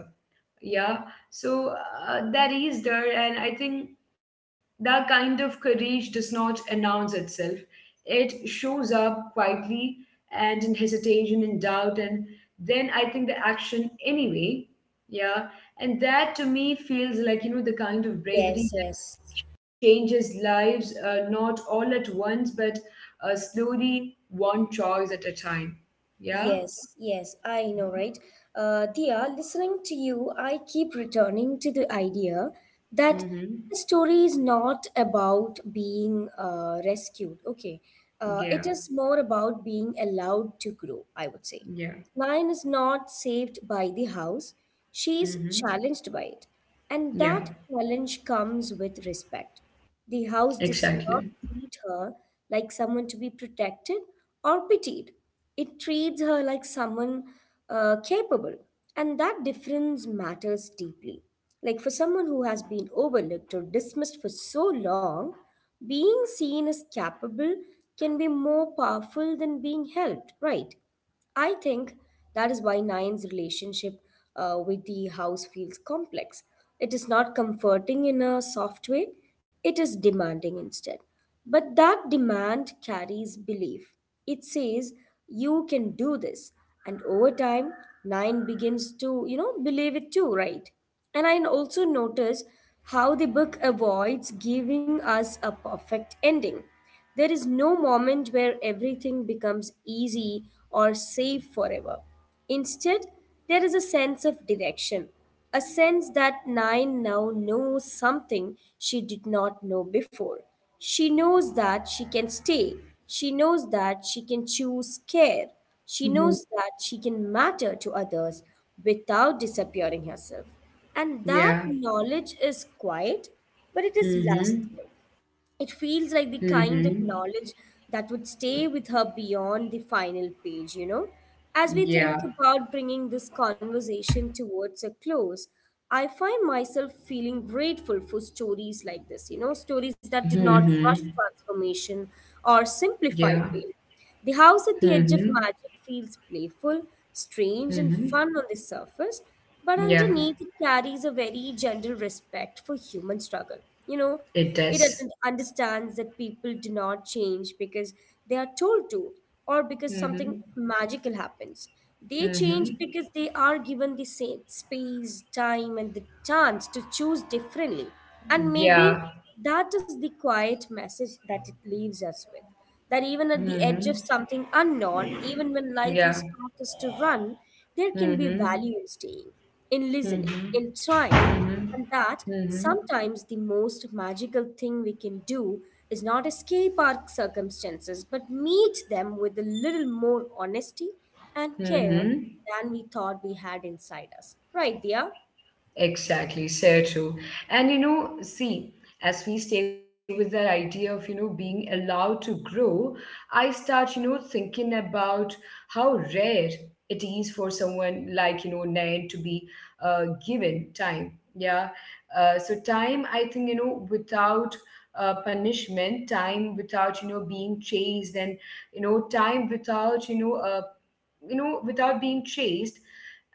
[SPEAKER 1] Yeah. So that is there. And I think that kind of courage does not announce itself, it shows up quietly, and in hesitation and doubt, and then I think the action anyway. Yeah. And that to me feels like the kind of bravery
[SPEAKER 2] Yes,
[SPEAKER 1] that
[SPEAKER 2] yes.
[SPEAKER 1] changes lives, not all at once but slowly, one choice at a time. Yeah.
[SPEAKER 2] Yes, yes, I know, right? Dia, listening to you, I keep returning to the idea that the
[SPEAKER 1] Mm-hmm.
[SPEAKER 2] story is not about being rescued, okay?
[SPEAKER 1] Yeah,
[SPEAKER 2] It is more about being allowed to grow, I would say.
[SPEAKER 1] yeah.
[SPEAKER 2] Lion is not saved by the house, she is
[SPEAKER 1] Mm-hmm.
[SPEAKER 2] challenged by it. And
[SPEAKER 1] Yeah,
[SPEAKER 2] that challenge comes with respect. The house
[SPEAKER 1] exactly.
[SPEAKER 2] does not treat her like someone to be protected or pitied. It treats her like someone capable, and that difference matters deeply. Like for someone who has been overlooked or dismissed for so long, being seen as capable can be more powerful than being helped, right? I think that is why Nine's relationship with the house feels complex. It is not comforting in a soft way, it is demanding instead. But that demand carries belief. It says, "You can do this." And over time, Nine begins to, believe it too, right? And I also notice how the book avoids giving us a perfect ending. There is no moment where everything becomes easy or safe forever. Instead, there is a sense of direction, a sense that Nine now knows something she did not know before. She knows that she can stay, she knows that she can choose care, she
[SPEAKER 1] Mhm.
[SPEAKER 2] knows that she can matter to others without disappearing herself. And that
[SPEAKER 1] Yeah.
[SPEAKER 2] knowledge is quiet, but it is
[SPEAKER 1] Mm-hmm.
[SPEAKER 2] lasting. It feels like the
[SPEAKER 1] Mm-hmm.
[SPEAKER 2] kind of knowledge that would stay with her beyond the final page, you know. As we
[SPEAKER 1] Yeah.
[SPEAKER 2] think about bringing this conversation towards a close, I find myself feeling grateful for stories like this, you know, stories that do not
[SPEAKER 1] Mm-hmm.
[SPEAKER 2] rush transformation or
[SPEAKER 1] Yeah.
[SPEAKER 2] simplify pain. The house at the edge
[SPEAKER 1] Mm-hmm.
[SPEAKER 2] of magic feels playful, strange, and
[SPEAKER 1] Mm-hmm.
[SPEAKER 2] fun on the surface, but
[SPEAKER 1] Yeah.
[SPEAKER 2] underneath it carries a very gentle respect for human struggle. You know,
[SPEAKER 1] It
[SPEAKER 2] it
[SPEAKER 1] does.
[SPEAKER 2] understands that people do not change because they are told to or because something
[SPEAKER 1] Mm-hmm.
[SPEAKER 2] magical happens. They change
[SPEAKER 1] Mm-hmm.
[SPEAKER 2] because they are given the same space, time, and the chance to choose differently. And maybe
[SPEAKER 1] Yeah.
[SPEAKER 2] that is the quiet message that it leaves us with, that even at the
[SPEAKER 1] Mm-hmm.
[SPEAKER 2] edge of something unknown, even when life
[SPEAKER 1] Yeah.
[SPEAKER 2] has taught us to run, there can be
[SPEAKER 1] Mm-hmm.
[SPEAKER 2] value in staying, in listening,
[SPEAKER 1] Mm-hmm.
[SPEAKER 2] in trying,
[SPEAKER 1] Mm-hmm.
[SPEAKER 2] and that
[SPEAKER 1] Mm-hmm.
[SPEAKER 2] sometimes the most magical thing we can do is not escape our circumstances, but meet them with a little more honesty and care
[SPEAKER 1] Mm-hmm.
[SPEAKER 2] than we thought we had inside us. Right, dear?
[SPEAKER 1] Exactly, so true. And you know, see, as we stay with that idea of, being allowed to grow, I start, thinking about how rare it is for someone like, Nayan to be given time. Yeah. So, time, I think, without punishment, time without, being chased, and, time without, you know, without being chased.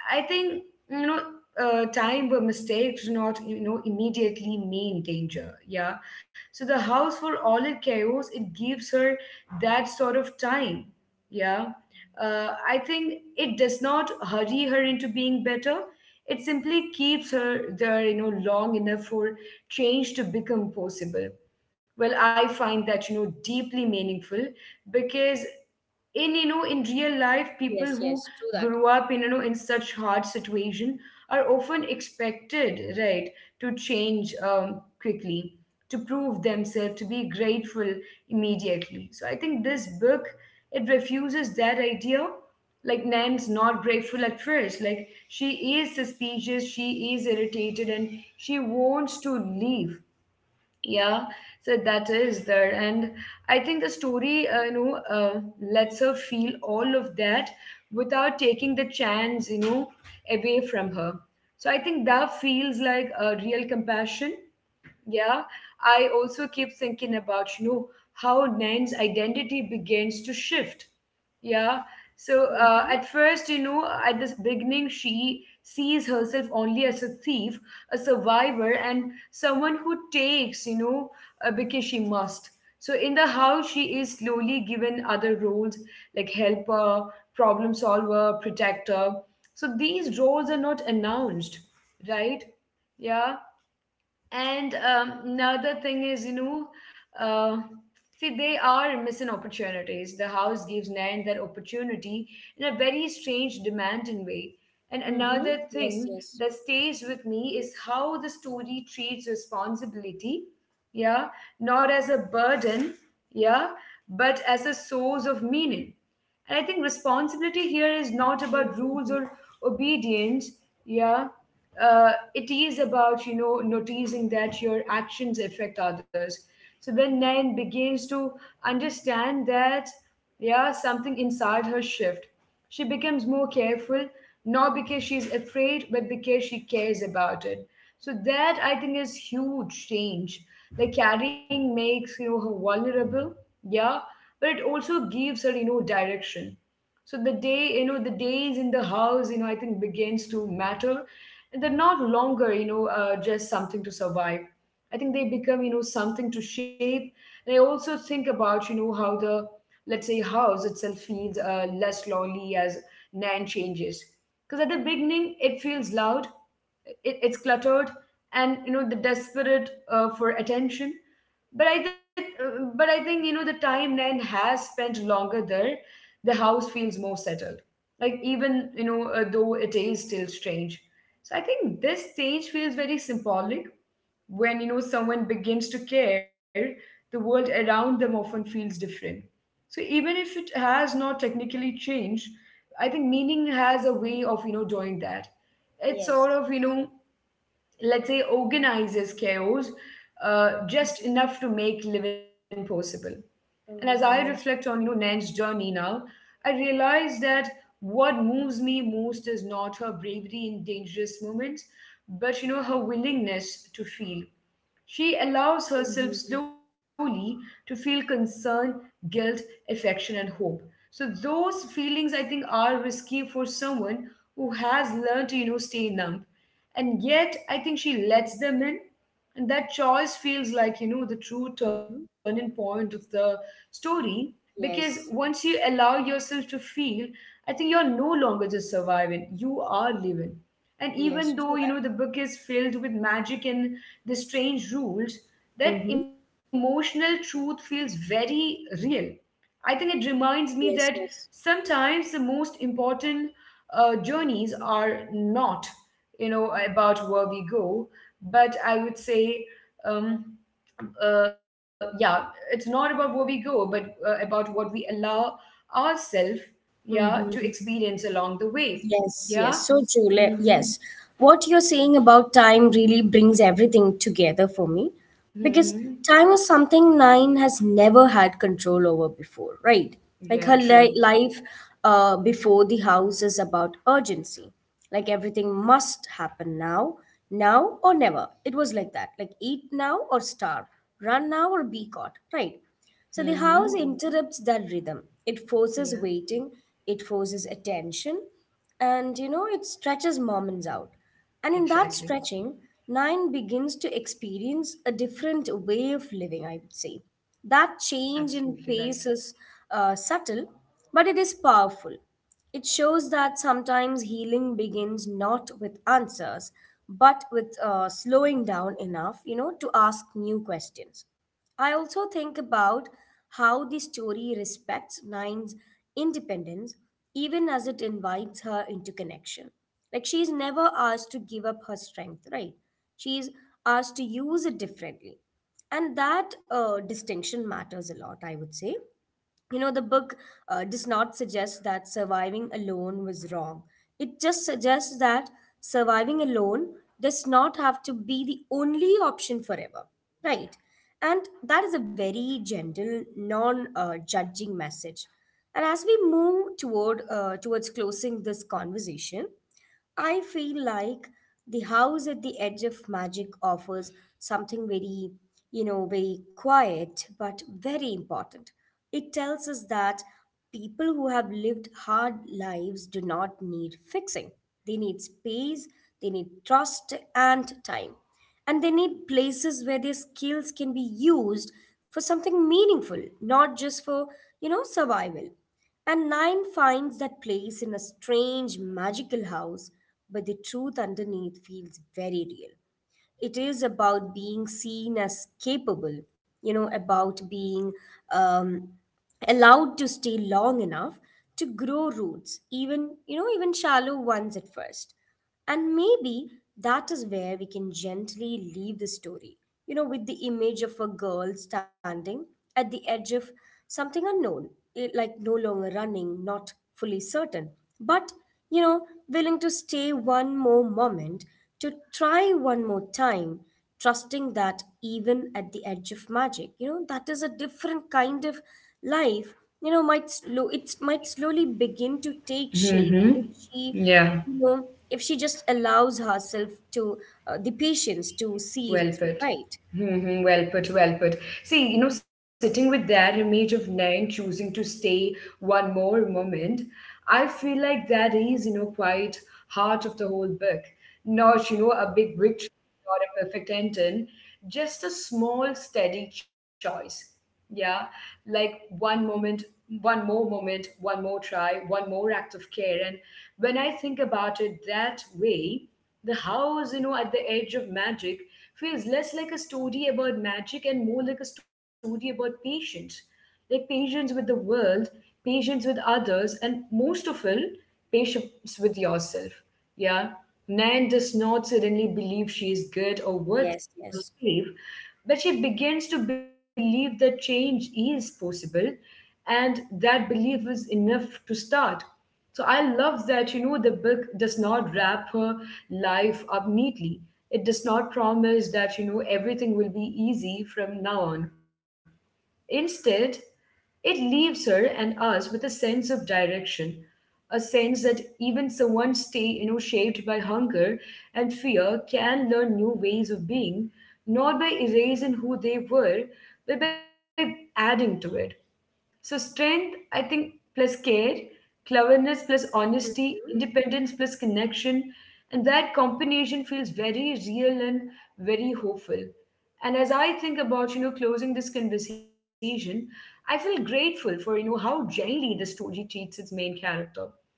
[SPEAKER 1] I think you know time where mistakes do not immediately mean danger. Yeah. So the house, for all its chaos, it gives her that sort of time. Yeah. I think it does not hurry her into being better. It simply keeps her there, long enough for change to become possible. Well, I find that deeply meaningful, because in you know in real life people
[SPEAKER 2] Yes,
[SPEAKER 1] who
[SPEAKER 2] yes, true that.
[SPEAKER 1] grew up in you know in such hard situation are often expected, right, to change quickly, to prove themselves, to be grateful immediately. So I think this book, it refuses that idea. Like, Nan's not grateful at first, like, she is suspicious, she is irritated, and she wants to leave. Yeah. So that is there. And I think the story lets her feel all of that without taking the chance away from her. So I think that feels like a real compassion. Yeah. I also keep thinking about how Nan's identity begins to shift. Yeah. So
[SPEAKER 2] Mm-hmm.
[SPEAKER 1] at first, at this beginning, she sees herself only as a thief, a survivor, and someone who takes, because she must. So in the house she is slowly given other roles, like helper, problem solver, protector. So these roles are not announced, right? Yeah. And another thing is, uh, see, they are missing opportunities. The house gives Nan that opportunity in a very strange, demanding way. And
[SPEAKER 2] Mm-hmm.
[SPEAKER 1] another
[SPEAKER 2] Yes,
[SPEAKER 1] thing
[SPEAKER 2] yes.
[SPEAKER 1] that stays with me is how the story treats responsibility, yeah, not as a burden, yeah, but as a source of meaning. And I think responsibility here is not about rules
[SPEAKER 2] Mm-hmm.
[SPEAKER 1] or obedience. Yeah. It is about, noticing that your actions affect others. So when Nain begins to understand that, yeah, something inside her shift. She becomes more careful, not because she's afraid, but because she cares about it. So that I think is huge change. Like carrying makes her vulnerable, yeah, but it also gives her direction. So the day you know the days in the house I think begins to matter, and they're not longer just something to survive. I think they become something to shape. And I also think about how the, let's say, house itself feels less lonely as Nan changes, because at the beginning it feels loud, it's cluttered, and the desperate for attention. But i think but i think the time Nan has spent longer there, the house feels more settled, like, even though it is still strange. So I think this stage feels very symbolic. When someone begins to care, the world around them often feels different. So even if it has not technically changed, I think meaning has a way of doing that. It's sort
[SPEAKER 2] Yes.
[SPEAKER 1] of let's say, organizes chaos, just enough to make living possible. And as I reflect
[SPEAKER 2] Mm-hmm.
[SPEAKER 1] on,
[SPEAKER 2] Yes.
[SPEAKER 1] Nan's journey now, I realize that what moves me most is not her bravery in dangerous moments, but, her willingness to feel. She allows herself
[SPEAKER 2] Mm-hmm.
[SPEAKER 1] slowly to feel concern, guilt, affection, and hope. So those feelings, I think, are risky for someone who has learned to, stay numb, and yet I think she lets them in, and that choice feels like, the true turning
[SPEAKER 2] Mm-hmm.
[SPEAKER 1] point of the story, because
[SPEAKER 2] Yes.
[SPEAKER 1] once you allow yourself to feel, I think you're no longer just surviving, you are living. And even
[SPEAKER 2] Yes. True
[SPEAKER 1] though,
[SPEAKER 2] that.
[SPEAKER 1] the book is filled with magic and the strange rules, that
[SPEAKER 2] Mm-hmm.
[SPEAKER 1] emotional truth feels very real. I think it reminds me that
[SPEAKER 2] Yes. Yes.
[SPEAKER 1] sometimes the most important journeys are not, about where we go, but I would say, um, yeah, it's not about where we go, but about what we allow ourselves, yeah, to
[SPEAKER 2] Mm-hmm.
[SPEAKER 1] experience along the way.
[SPEAKER 2] Yes, yes.
[SPEAKER 1] Yeah.
[SPEAKER 2] So true.
[SPEAKER 1] Mm-hmm.
[SPEAKER 2] Yes. What you're saying about time really brings everything together for me because
[SPEAKER 1] Mm-hmm.
[SPEAKER 2] time is something Nine has never had control over before, right? Like
[SPEAKER 1] Yeah.
[SPEAKER 2] her
[SPEAKER 1] True.
[SPEAKER 2] life before the house is about urgency. Like everything must happen now, now or never. It was like that. Like eat now or starve, run now or be caught, right? So the house
[SPEAKER 1] Mm-hmm.
[SPEAKER 2] interrupts that rhythm. It forces
[SPEAKER 1] Yeah.
[SPEAKER 2] waiting, it forces attention, and you know it stretches Mormons out. And in that
[SPEAKER 1] Exactly.
[SPEAKER 2] stretching, Nine begins to experience a different way of living, I would say. That
[SPEAKER 1] Absolutely
[SPEAKER 2] change in
[SPEAKER 1] right.
[SPEAKER 2] pace is subtle, but it is powerful. It shows that sometimes healing begins not with answers, but with slowing down enough, you know, to ask new questions. I also think about how the story respects Nine's independence even as it invites her into connection. Like she's never asked to give up her strength, right? She's asked to use it differently. And that distinction matters a lot, I would say. You know, the book does not suggest that surviving alone was wrong. It just suggests that surviving alone does not have to be the only option forever, right? And that is a very gentle, non judging message. And as we move towards closing this conversation, I feel like the house at the edge of magic offers something very, you know, very quiet but very important. It tells us that people who have lived hard lives do not need fixing. They need space, they need trust and time. And they need places where their skills can be used for something meaningful, not just for, you know, survival. And Nine finds that place in a strange, magical house, but the truth underneath feels very real. It is about being seen as capable, you know, about being um, allowed to stay long enough to grow roots, even, you know, even shallow ones at first. And maybe that is where we can gently leave the story, you know, with the image of a girl standing at the edge of something unknown, like no longer running, not fully certain, but, you know, willing to stay one more moment to try one more time, trusting that even at the edge of magic, you know, that is a different kind of life. You know, might slowly begin to take shape
[SPEAKER 1] Mm-hmm.
[SPEAKER 2] if she,
[SPEAKER 1] Yeah.
[SPEAKER 2] you know, if she just allows herself to the patience to see
[SPEAKER 1] Well
[SPEAKER 2] it through,
[SPEAKER 1] put.
[SPEAKER 2] right?
[SPEAKER 1] Well put, well put. See, sitting with that image of Nayan choosing to stay one more moment, I feel like that is, quite heart of the whole book. Not, a big victory or a perfect ending, just a small, steady choice. Yeah, like one moment, one more try, one more act of care. And when I think about it that way, the house, at the edge of magic feels less like a story about magic and more like a story about patience. Like patience with the world, patience with others, and most of all, patience with yourself. Yeah. Nan does not suddenly believe she is good or worthy
[SPEAKER 2] Yes,
[SPEAKER 1] or
[SPEAKER 2] yes,
[SPEAKER 1] safe. But she begins to believe that change is possible, and that belief is enough to start. So I love that, the book does not wrap her life up neatly. It does not promise that, everything will be easy from now on. Instead, it leaves her and us with a sense of direction, a sense that even someone stay, shaped by hunger and fear, can learn new ways of being, not by erasing who they were, but by adding to it. So strength, I think, plus care, cleverness plus honesty,
[SPEAKER 2] Mhm.
[SPEAKER 1] independence plus connection, and that combination feels very real and very hopeful. And as I think about, closing this conversation, I feel grateful for, how gently the story treats its main character.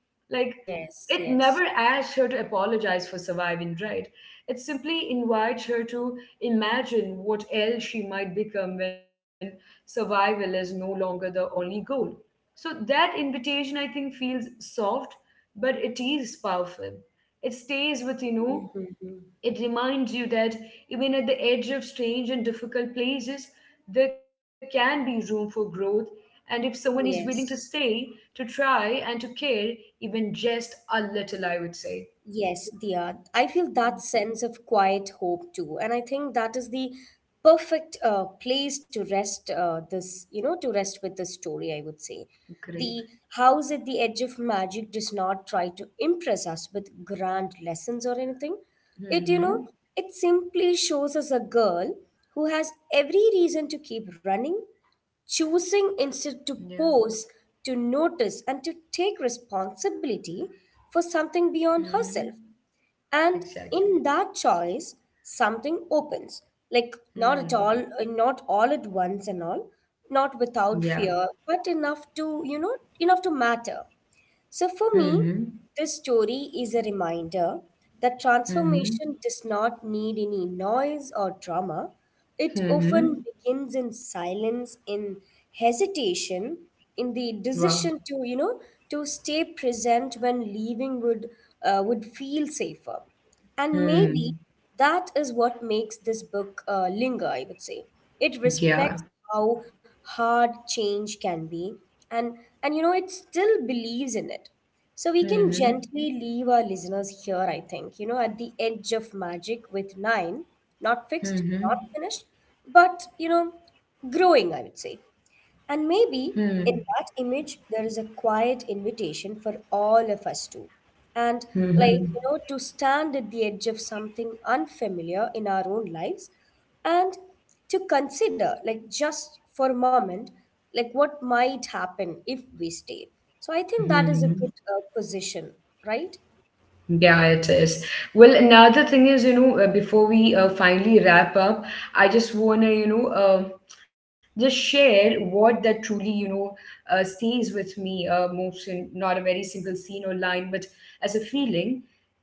[SPEAKER 1] Like
[SPEAKER 2] Yes,
[SPEAKER 1] it never
[SPEAKER 2] yes,
[SPEAKER 1] asks her to apologize for surviving, right? It simply invites her to imagine what else she might become when survival is no longer the only goal. So that invitation, I think, feels soft, but it is powerful. It stays with,
[SPEAKER 2] Mhm.
[SPEAKER 1] it reminds you that even at the edge of strange and difficult places, there can be room for growth. And if someone is willing to
[SPEAKER 2] Yes.
[SPEAKER 1] stay, to try, and to care, even just a little, I would say.
[SPEAKER 2] Yes, dear. I feel that sense of quiet hope too. And I think that is the perfect place to rest this, you know, to rest with the story, I would say.
[SPEAKER 1] Great.
[SPEAKER 2] The house at the edge of magic does not try to impress us with grand lessons or anything. It, you know,
[SPEAKER 1] Mm-hmm.
[SPEAKER 2] it simply shows us a girl who has every reason to keep running,
[SPEAKER 1] Yeah.
[SPEAKER 2] choosing instead to pose, to notice, and to take responsibility for something beyond
[SPEAKER 1] Mm-hmm.
[SPEAKER 2] herself. And
[SPEAKER 1] Exactly.
[SPEAKER 2] in that choice, something opens. Like
[SPEAKER 1] Hmm.
[SPEAKER 2] not all at once and all, not
[SPEAKER 1] Yeah.
[SPEAKER 2] without fear, but enough to, enough to matter. So for
[SPEAKER 1] Mm-hmm.
[SPEAKER 2] me, this story is a reminder that
[SPEAKER 1] Mm-hmm.
[SPEAKER 2] transformation does not need any noise or drama. It often
[SPEAKER 1] Mm-hmm.
[SPEAKER 2] begins in silence, in hesitation, in the
[SPEAKER 1] Wow.
[SPEAKER 2] decision to, to stay present when leaving would feel safer. And maybe
[SPEAKER 1] Hmm.
[SPEAKER 2] that is what makes this book linger, I would say. It
[SPEAKER 1] Yeah.
[SPEAKER 2] respects how hard change can be, and, and you know, it still believes in it. So we can
[SPEAKER 1] Mm-hmm.
[SPEAKER 2] gently leave our listeners here, I think, you know, at the edge of magic with nine, not fixed,
[SPEAKER 1] Mm-hmm.
[SPEAKER 2] not finished, but, you know, growing, I would say. And maybe
[SPEAKER 1] Hmm.
[SPEAKER 2] in that image, there is a quiet invitation for all of us to. And, like,
[SPEAKER 1] Mm-hmm.
[SPEAKER 2] you know, to stand at the edge of something unfamiliar in our own lives and to consider, like, just for a moment, like, what might happen if we stay. So I think that is a
[SPEAKER 1] Mm-hmm.
[SPEAKER 2] good position, right?
[SPEAKER 1] Yeah, it is. Well, another thing is, before we finally wrap up, I just want to, just share what that truly, stays with me most, in not a very single scene or line, but as a feeling,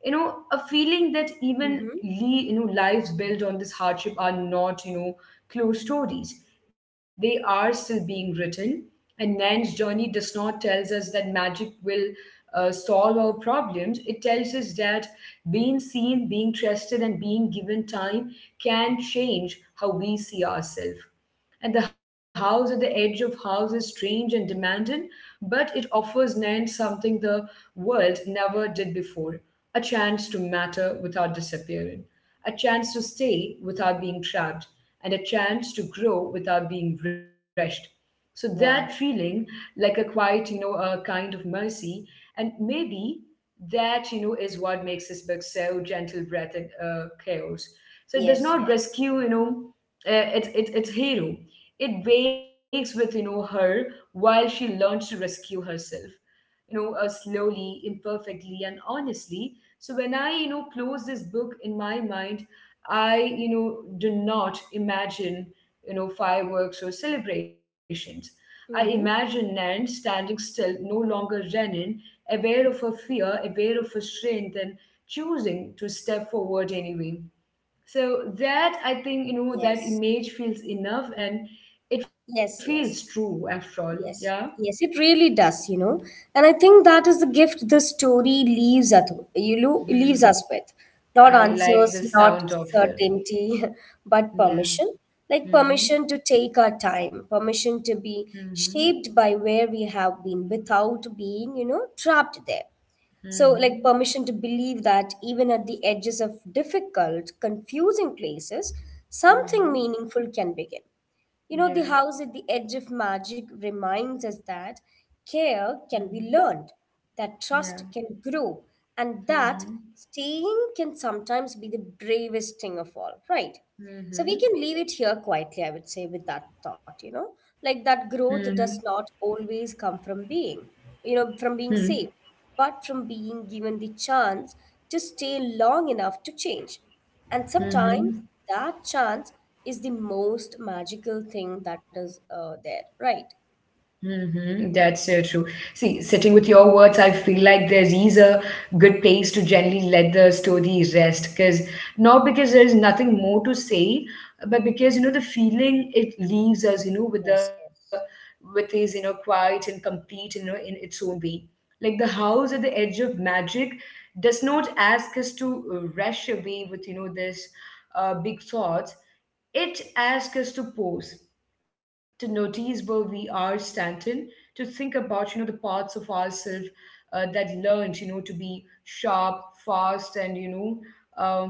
[SPEAKER 1] a feeling that even,
[SPEAKER 2] Mm-hmm.
[SPEAKER 1] lives built on this hardship are not, closed stories. They are still being written. And Nan's journey does not tells us that magic will solve our problems, it tells us that being seen, being trusted, and being given time can change how we see ourselves. And the house at the edge of house is strange and demanding, but it offers Nan something the world never did before: a chance to matter without disappearing, a chance to stay without being trapped, and a chance to grow without being rushed. So that
[SPEAKER 2] Wow.
[SPEAKER 1] feeling, like a quiet, a kind of mercy, and maybe that, is what makes this book so gentle breath in chaos. So it does
[SPEAKER 2] Yes,
[SPEAKER 1] not
[SPEAKER 2] yes.
[SPEAKER 1] rescue, it its hero. It wakes with, her while she learns to rescue herself, slowly, imperfectly, and honestly. So when I, close this book in my mind, I, do not imagine, fireworks or celebrations. I imagine
[SPEAKER 2] Mm-hmm.
[SPEAKER 1] Nan standing still, no longer running, aware of her fear, aware of her strength, and choosing to step forward anyway. So that, I think, that
[SPEAKER 2] Yes.
[SPEAKER 1] image feels enough,
[SPEAKER 2] Mm.
[SPEAKER 1] and it feels
[SPEAKER 2] Yes,
[SPEAKER 1] true
[SPEAKER 2] yes.
[SPEAKER 1] after all. Yeah.
[SPEAKER 2] Yes, yes, it really does, you know. And I think that is the gift the story leaves us, you know, leaves
[SPEAKER 1] Mhm.
[SPEAKER 2] us with. Not
[SPEAKER 1] I like the
[SPEAKER 2] answers, not
[SPEAKER 1] sound of it.
[SPEAKER 2] certainty, [LAUGHS] but
[SPEAKER 1] Yeah.
[SPEAKER 2] permission. Like
[SPEAKER 1] Mm-hmm.
[SPEAKER 2] permission to take our time, permission to be
[SPEAKER 1] Mm-hmm.
[SPEAKER 2] shaped by where we have been without being, you know, trapped there. So, like
[SPEAKER 1] Mm-hmm.
[SPEAKER 2] permission to believe that even at the edges of difficult, confusing places, something
[SPEAKER 1] Mm-hmm.
[SPEAKER 2] meaningful can begin. You know, the
[SPEAKER 1] Yeah.
[SPEAKER 2] house at the edge of magic reminds us that care
[SPEAKER 1] Mm-hmm.
[SPEAKER 2] can be learned, that
[SPEAKER 1] Yeah.
[SPEAKER 2] trust can grow, and that
[SPEAKER 1] Mm-hmm.
[SPEAKER 2] staying can sometimes be the bravest thing of all, right? So we
[SPEAKER 1] Mm-hmm.
[SPEAKER 2] can leave it here quietly, I would say, with that thought, you know, like that
[SPEAKER 1] Mm-hmm.
[SPEAKER 2] growth does not always come from being, from
[SPEAKER 1] Mm-hmm.
[SPEAKER 2] being saved but from being given the chance to stay long enough to change. And
[SPEAKER 1] Mm-hmm.
[SPEAKER 2] sometimes that chance is the most magical thing that is there, right?
[SPEAKER 1] Mm-hmm. That's so true. See, sitting with your words, I feel like there is a good place to gently let the story rest, because not because there is nothing more to say, but because you know the feeling it leaves us, with, the
[SPEAKER 2] Yes, yes,
[SPEAKER 1] with is, you know, quiet and complete, in its own way. Like the house at the edge of magic does not ask us to rush away with, you know, this big thoughts. It asks us to pause, to notice where we are standing, to think about, the parts of ourselves that learned, to be sharp, fast, and, uh,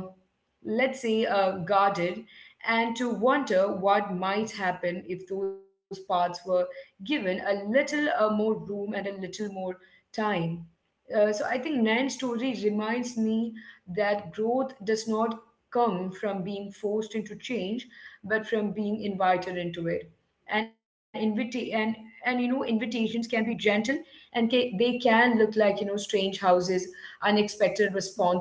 [SPEAKER 1] let's say guarded, and to wonder what might happen if those parts were given a little more room and a little more time. So I think Nan's story reminds me that growth does not come from being forced into change, but from being invited into it. And you know invitations can be gentle, and they can look like, you know, strange houses, unexpected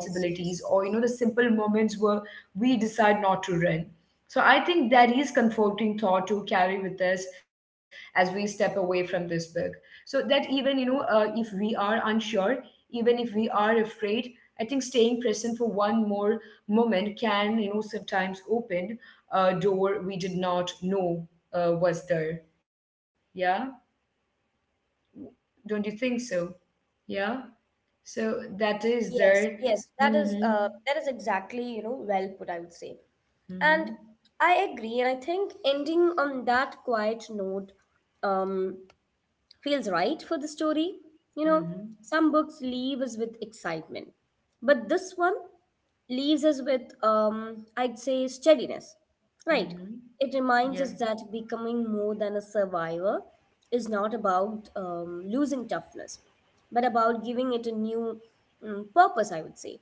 [SPEAKER 2] yes, yes.
[SPEAKER 1] or, you know, the simple moments where we decide not to run. So I think that is comforting thought to carry with us as we step away from this book, so that even, if we are unsure, even if we are afraid, I think staying present for one more moment can, you know, sometimes open a door we did not know was there. Yeah. Don't you think so? Yeah. So that is
[SPEAKER 2] Yes,
[SPEAKER 1] there.
[SPEAKER 2] yes,
[SPEAKER 1] Mm-hmm.
[SPEAKER 2] that is exactly, you know, well put, I would say. And
[SPEAKER 1] Mm-hmm.
[SPEAKER 2] I agree, and I think ending on that quiet note, um, feels right for the story. You know,
[SPEAKER 1] Mm-hmm.
[SPEAKER 2] some books leave us with excitement, but this one leaves us with, I'd say, steadiness. Right.
[SPEAKER 1] Mm-hmm.
[SPEAKER 2] It reminds
[SPEAKER 1] Yeah.
[SPEAKER 2] us that becoming more than a survivor is not about losing toughness, but about giving it a new purpose, I would say.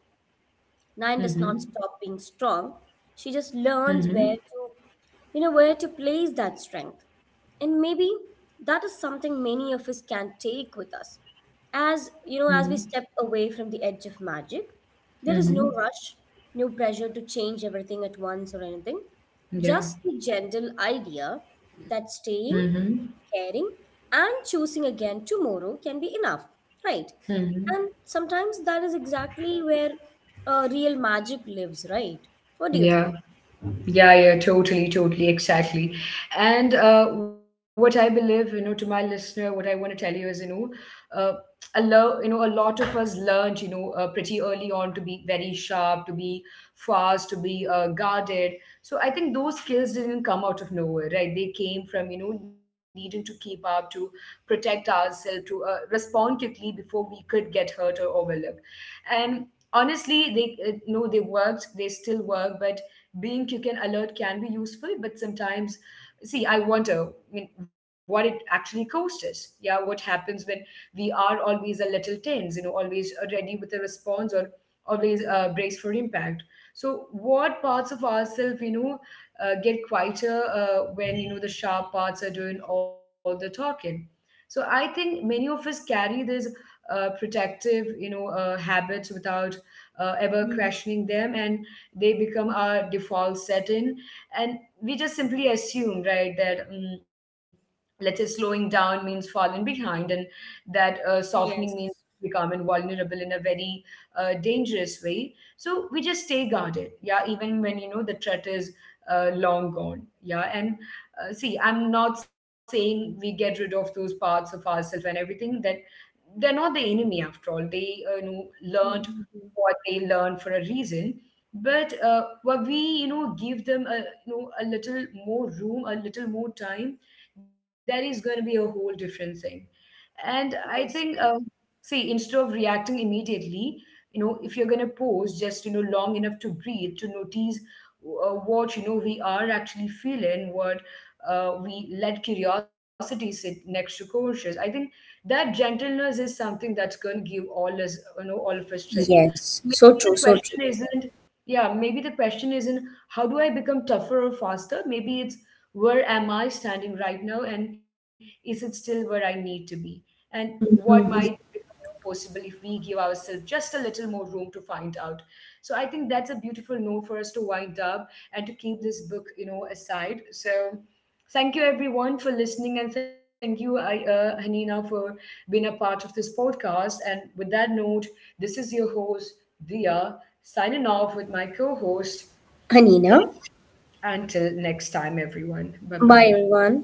[SPEAKER 2] Nine
[SPEAKER 1] Mm-hmm.
[SPEAKER 2] does not stop being strong. She just
[SPEAKER 1] Mm-hmm.
[SPEAKER 2] learns where to, where to place that strength. And maybe that is something many of us can take with us. As, you know,
[SPEAKER 1] Mm-hmm.
[SPEAKER 2] as we step away from the edge of magic, there is no
[SPEAKER 1] Mm-hmm.
[SPEAKER 2] rush, no pressure to change everything at once or anything.
[SPEAKER 1] Yeah.
[SPEAKER 2] Just the gentle idea that staying,
[SPEAKER 1] Mm-hmm.
[SPEAKER 2] caring, and choosing again tomorrow can be enough, right?
[SPEAKER 1] Mm-hmm.
[SPEAKER 2] And sometimes that is exactly where real magic lives, right? What do you
[SPEAKER 1] Yeah.
[SPEAKER 2] think?
[SPEAKER 1] Yeah, yeah, totally, totally, exactly. And what I believe, to my listener, what I want to tell you is, uh, you know, a lot of us learned, pretty early on to be very sharp, to be fast, to be guarded. So I think those skills didn't come out of nowhere, right? They came from, needing to keep up, to protect ourselves, to respond quickly before we could get hurt or overlooked. And honestly, they worked, they still work, but being quick and alert can be useful, but sometimes, see, I wonder, I mean, what it actually costs us. Yeah, what happens when we are always a little tense, always ready with a response, or always brace for impact. So, what parts of ourselves, get quieter when, the sharp parts are doing all the talking? So, I think many of us carry this protective, habits without ever
[SPEAKER 2] Mhm.
[SPEAKER 1] questioning them. And they become our default setting, and we just simply assume, right, that let's say slowing down means falling behind, and that softening means
[SPEAKER 2] Yes.
[SPEAKER 1] becoming vulnerable in a very dangerous way, so we just stay guarded, yeah, even when, you know, the threat is long gone. Yeah. And see, I'm not saying we get rid of those parts of ourselves and everything, that they're not the enemy after all. They you know learned
[SPEAKER 2] Mhm.
[SPEAKER 1] what they learned for a reason, but what we, you know, give them, a, you know, a little more room, a little more time, that is going to be a whole different thing. And I think,
[SPEAKER 2] Yes. Yes,
[SPEAKER 1] see, instead of reacting immediately, you know, if you're going to pause just, you know, long enough to breathe, to notice what, you know, we are actually feeling, what we let curiosity sit next to conscious, I think that gentleness is something that's going to give all us, you know, all of us strength. So
[SPEAKER 2] yes, so
[SPEAKER 1] maybe the
[SPEAKER 2] true, so
[SPEAKER 1] question
[SPEAKER 2] true.
[SPEAKER 1] isn't, yeah, maybe the question isn't how do I become tougher or faster? Maybe it's where am I standing right now, and is it still where I need to be? And what might
[SPEAKER 2] Mm-hmm.
[SPEAKER 1] become, possible if we give ourselves just a little more room to find out. So I think that's a beautiful note for us to wind up and to keep this book, aside. So thank you, everyone, for listening, and thank you, I, Hanina, for being a part of this podcast. And with that note, this is your host, Dia, signing off with my co host,
[SPEAKER 2] Hanina.
[SPEAKER 1] Ish. Until next time, everyone. Bye
[SPEAKER 2] Bye,
[SPEAKER 1] bye.
[SPEAKER 2] everyone.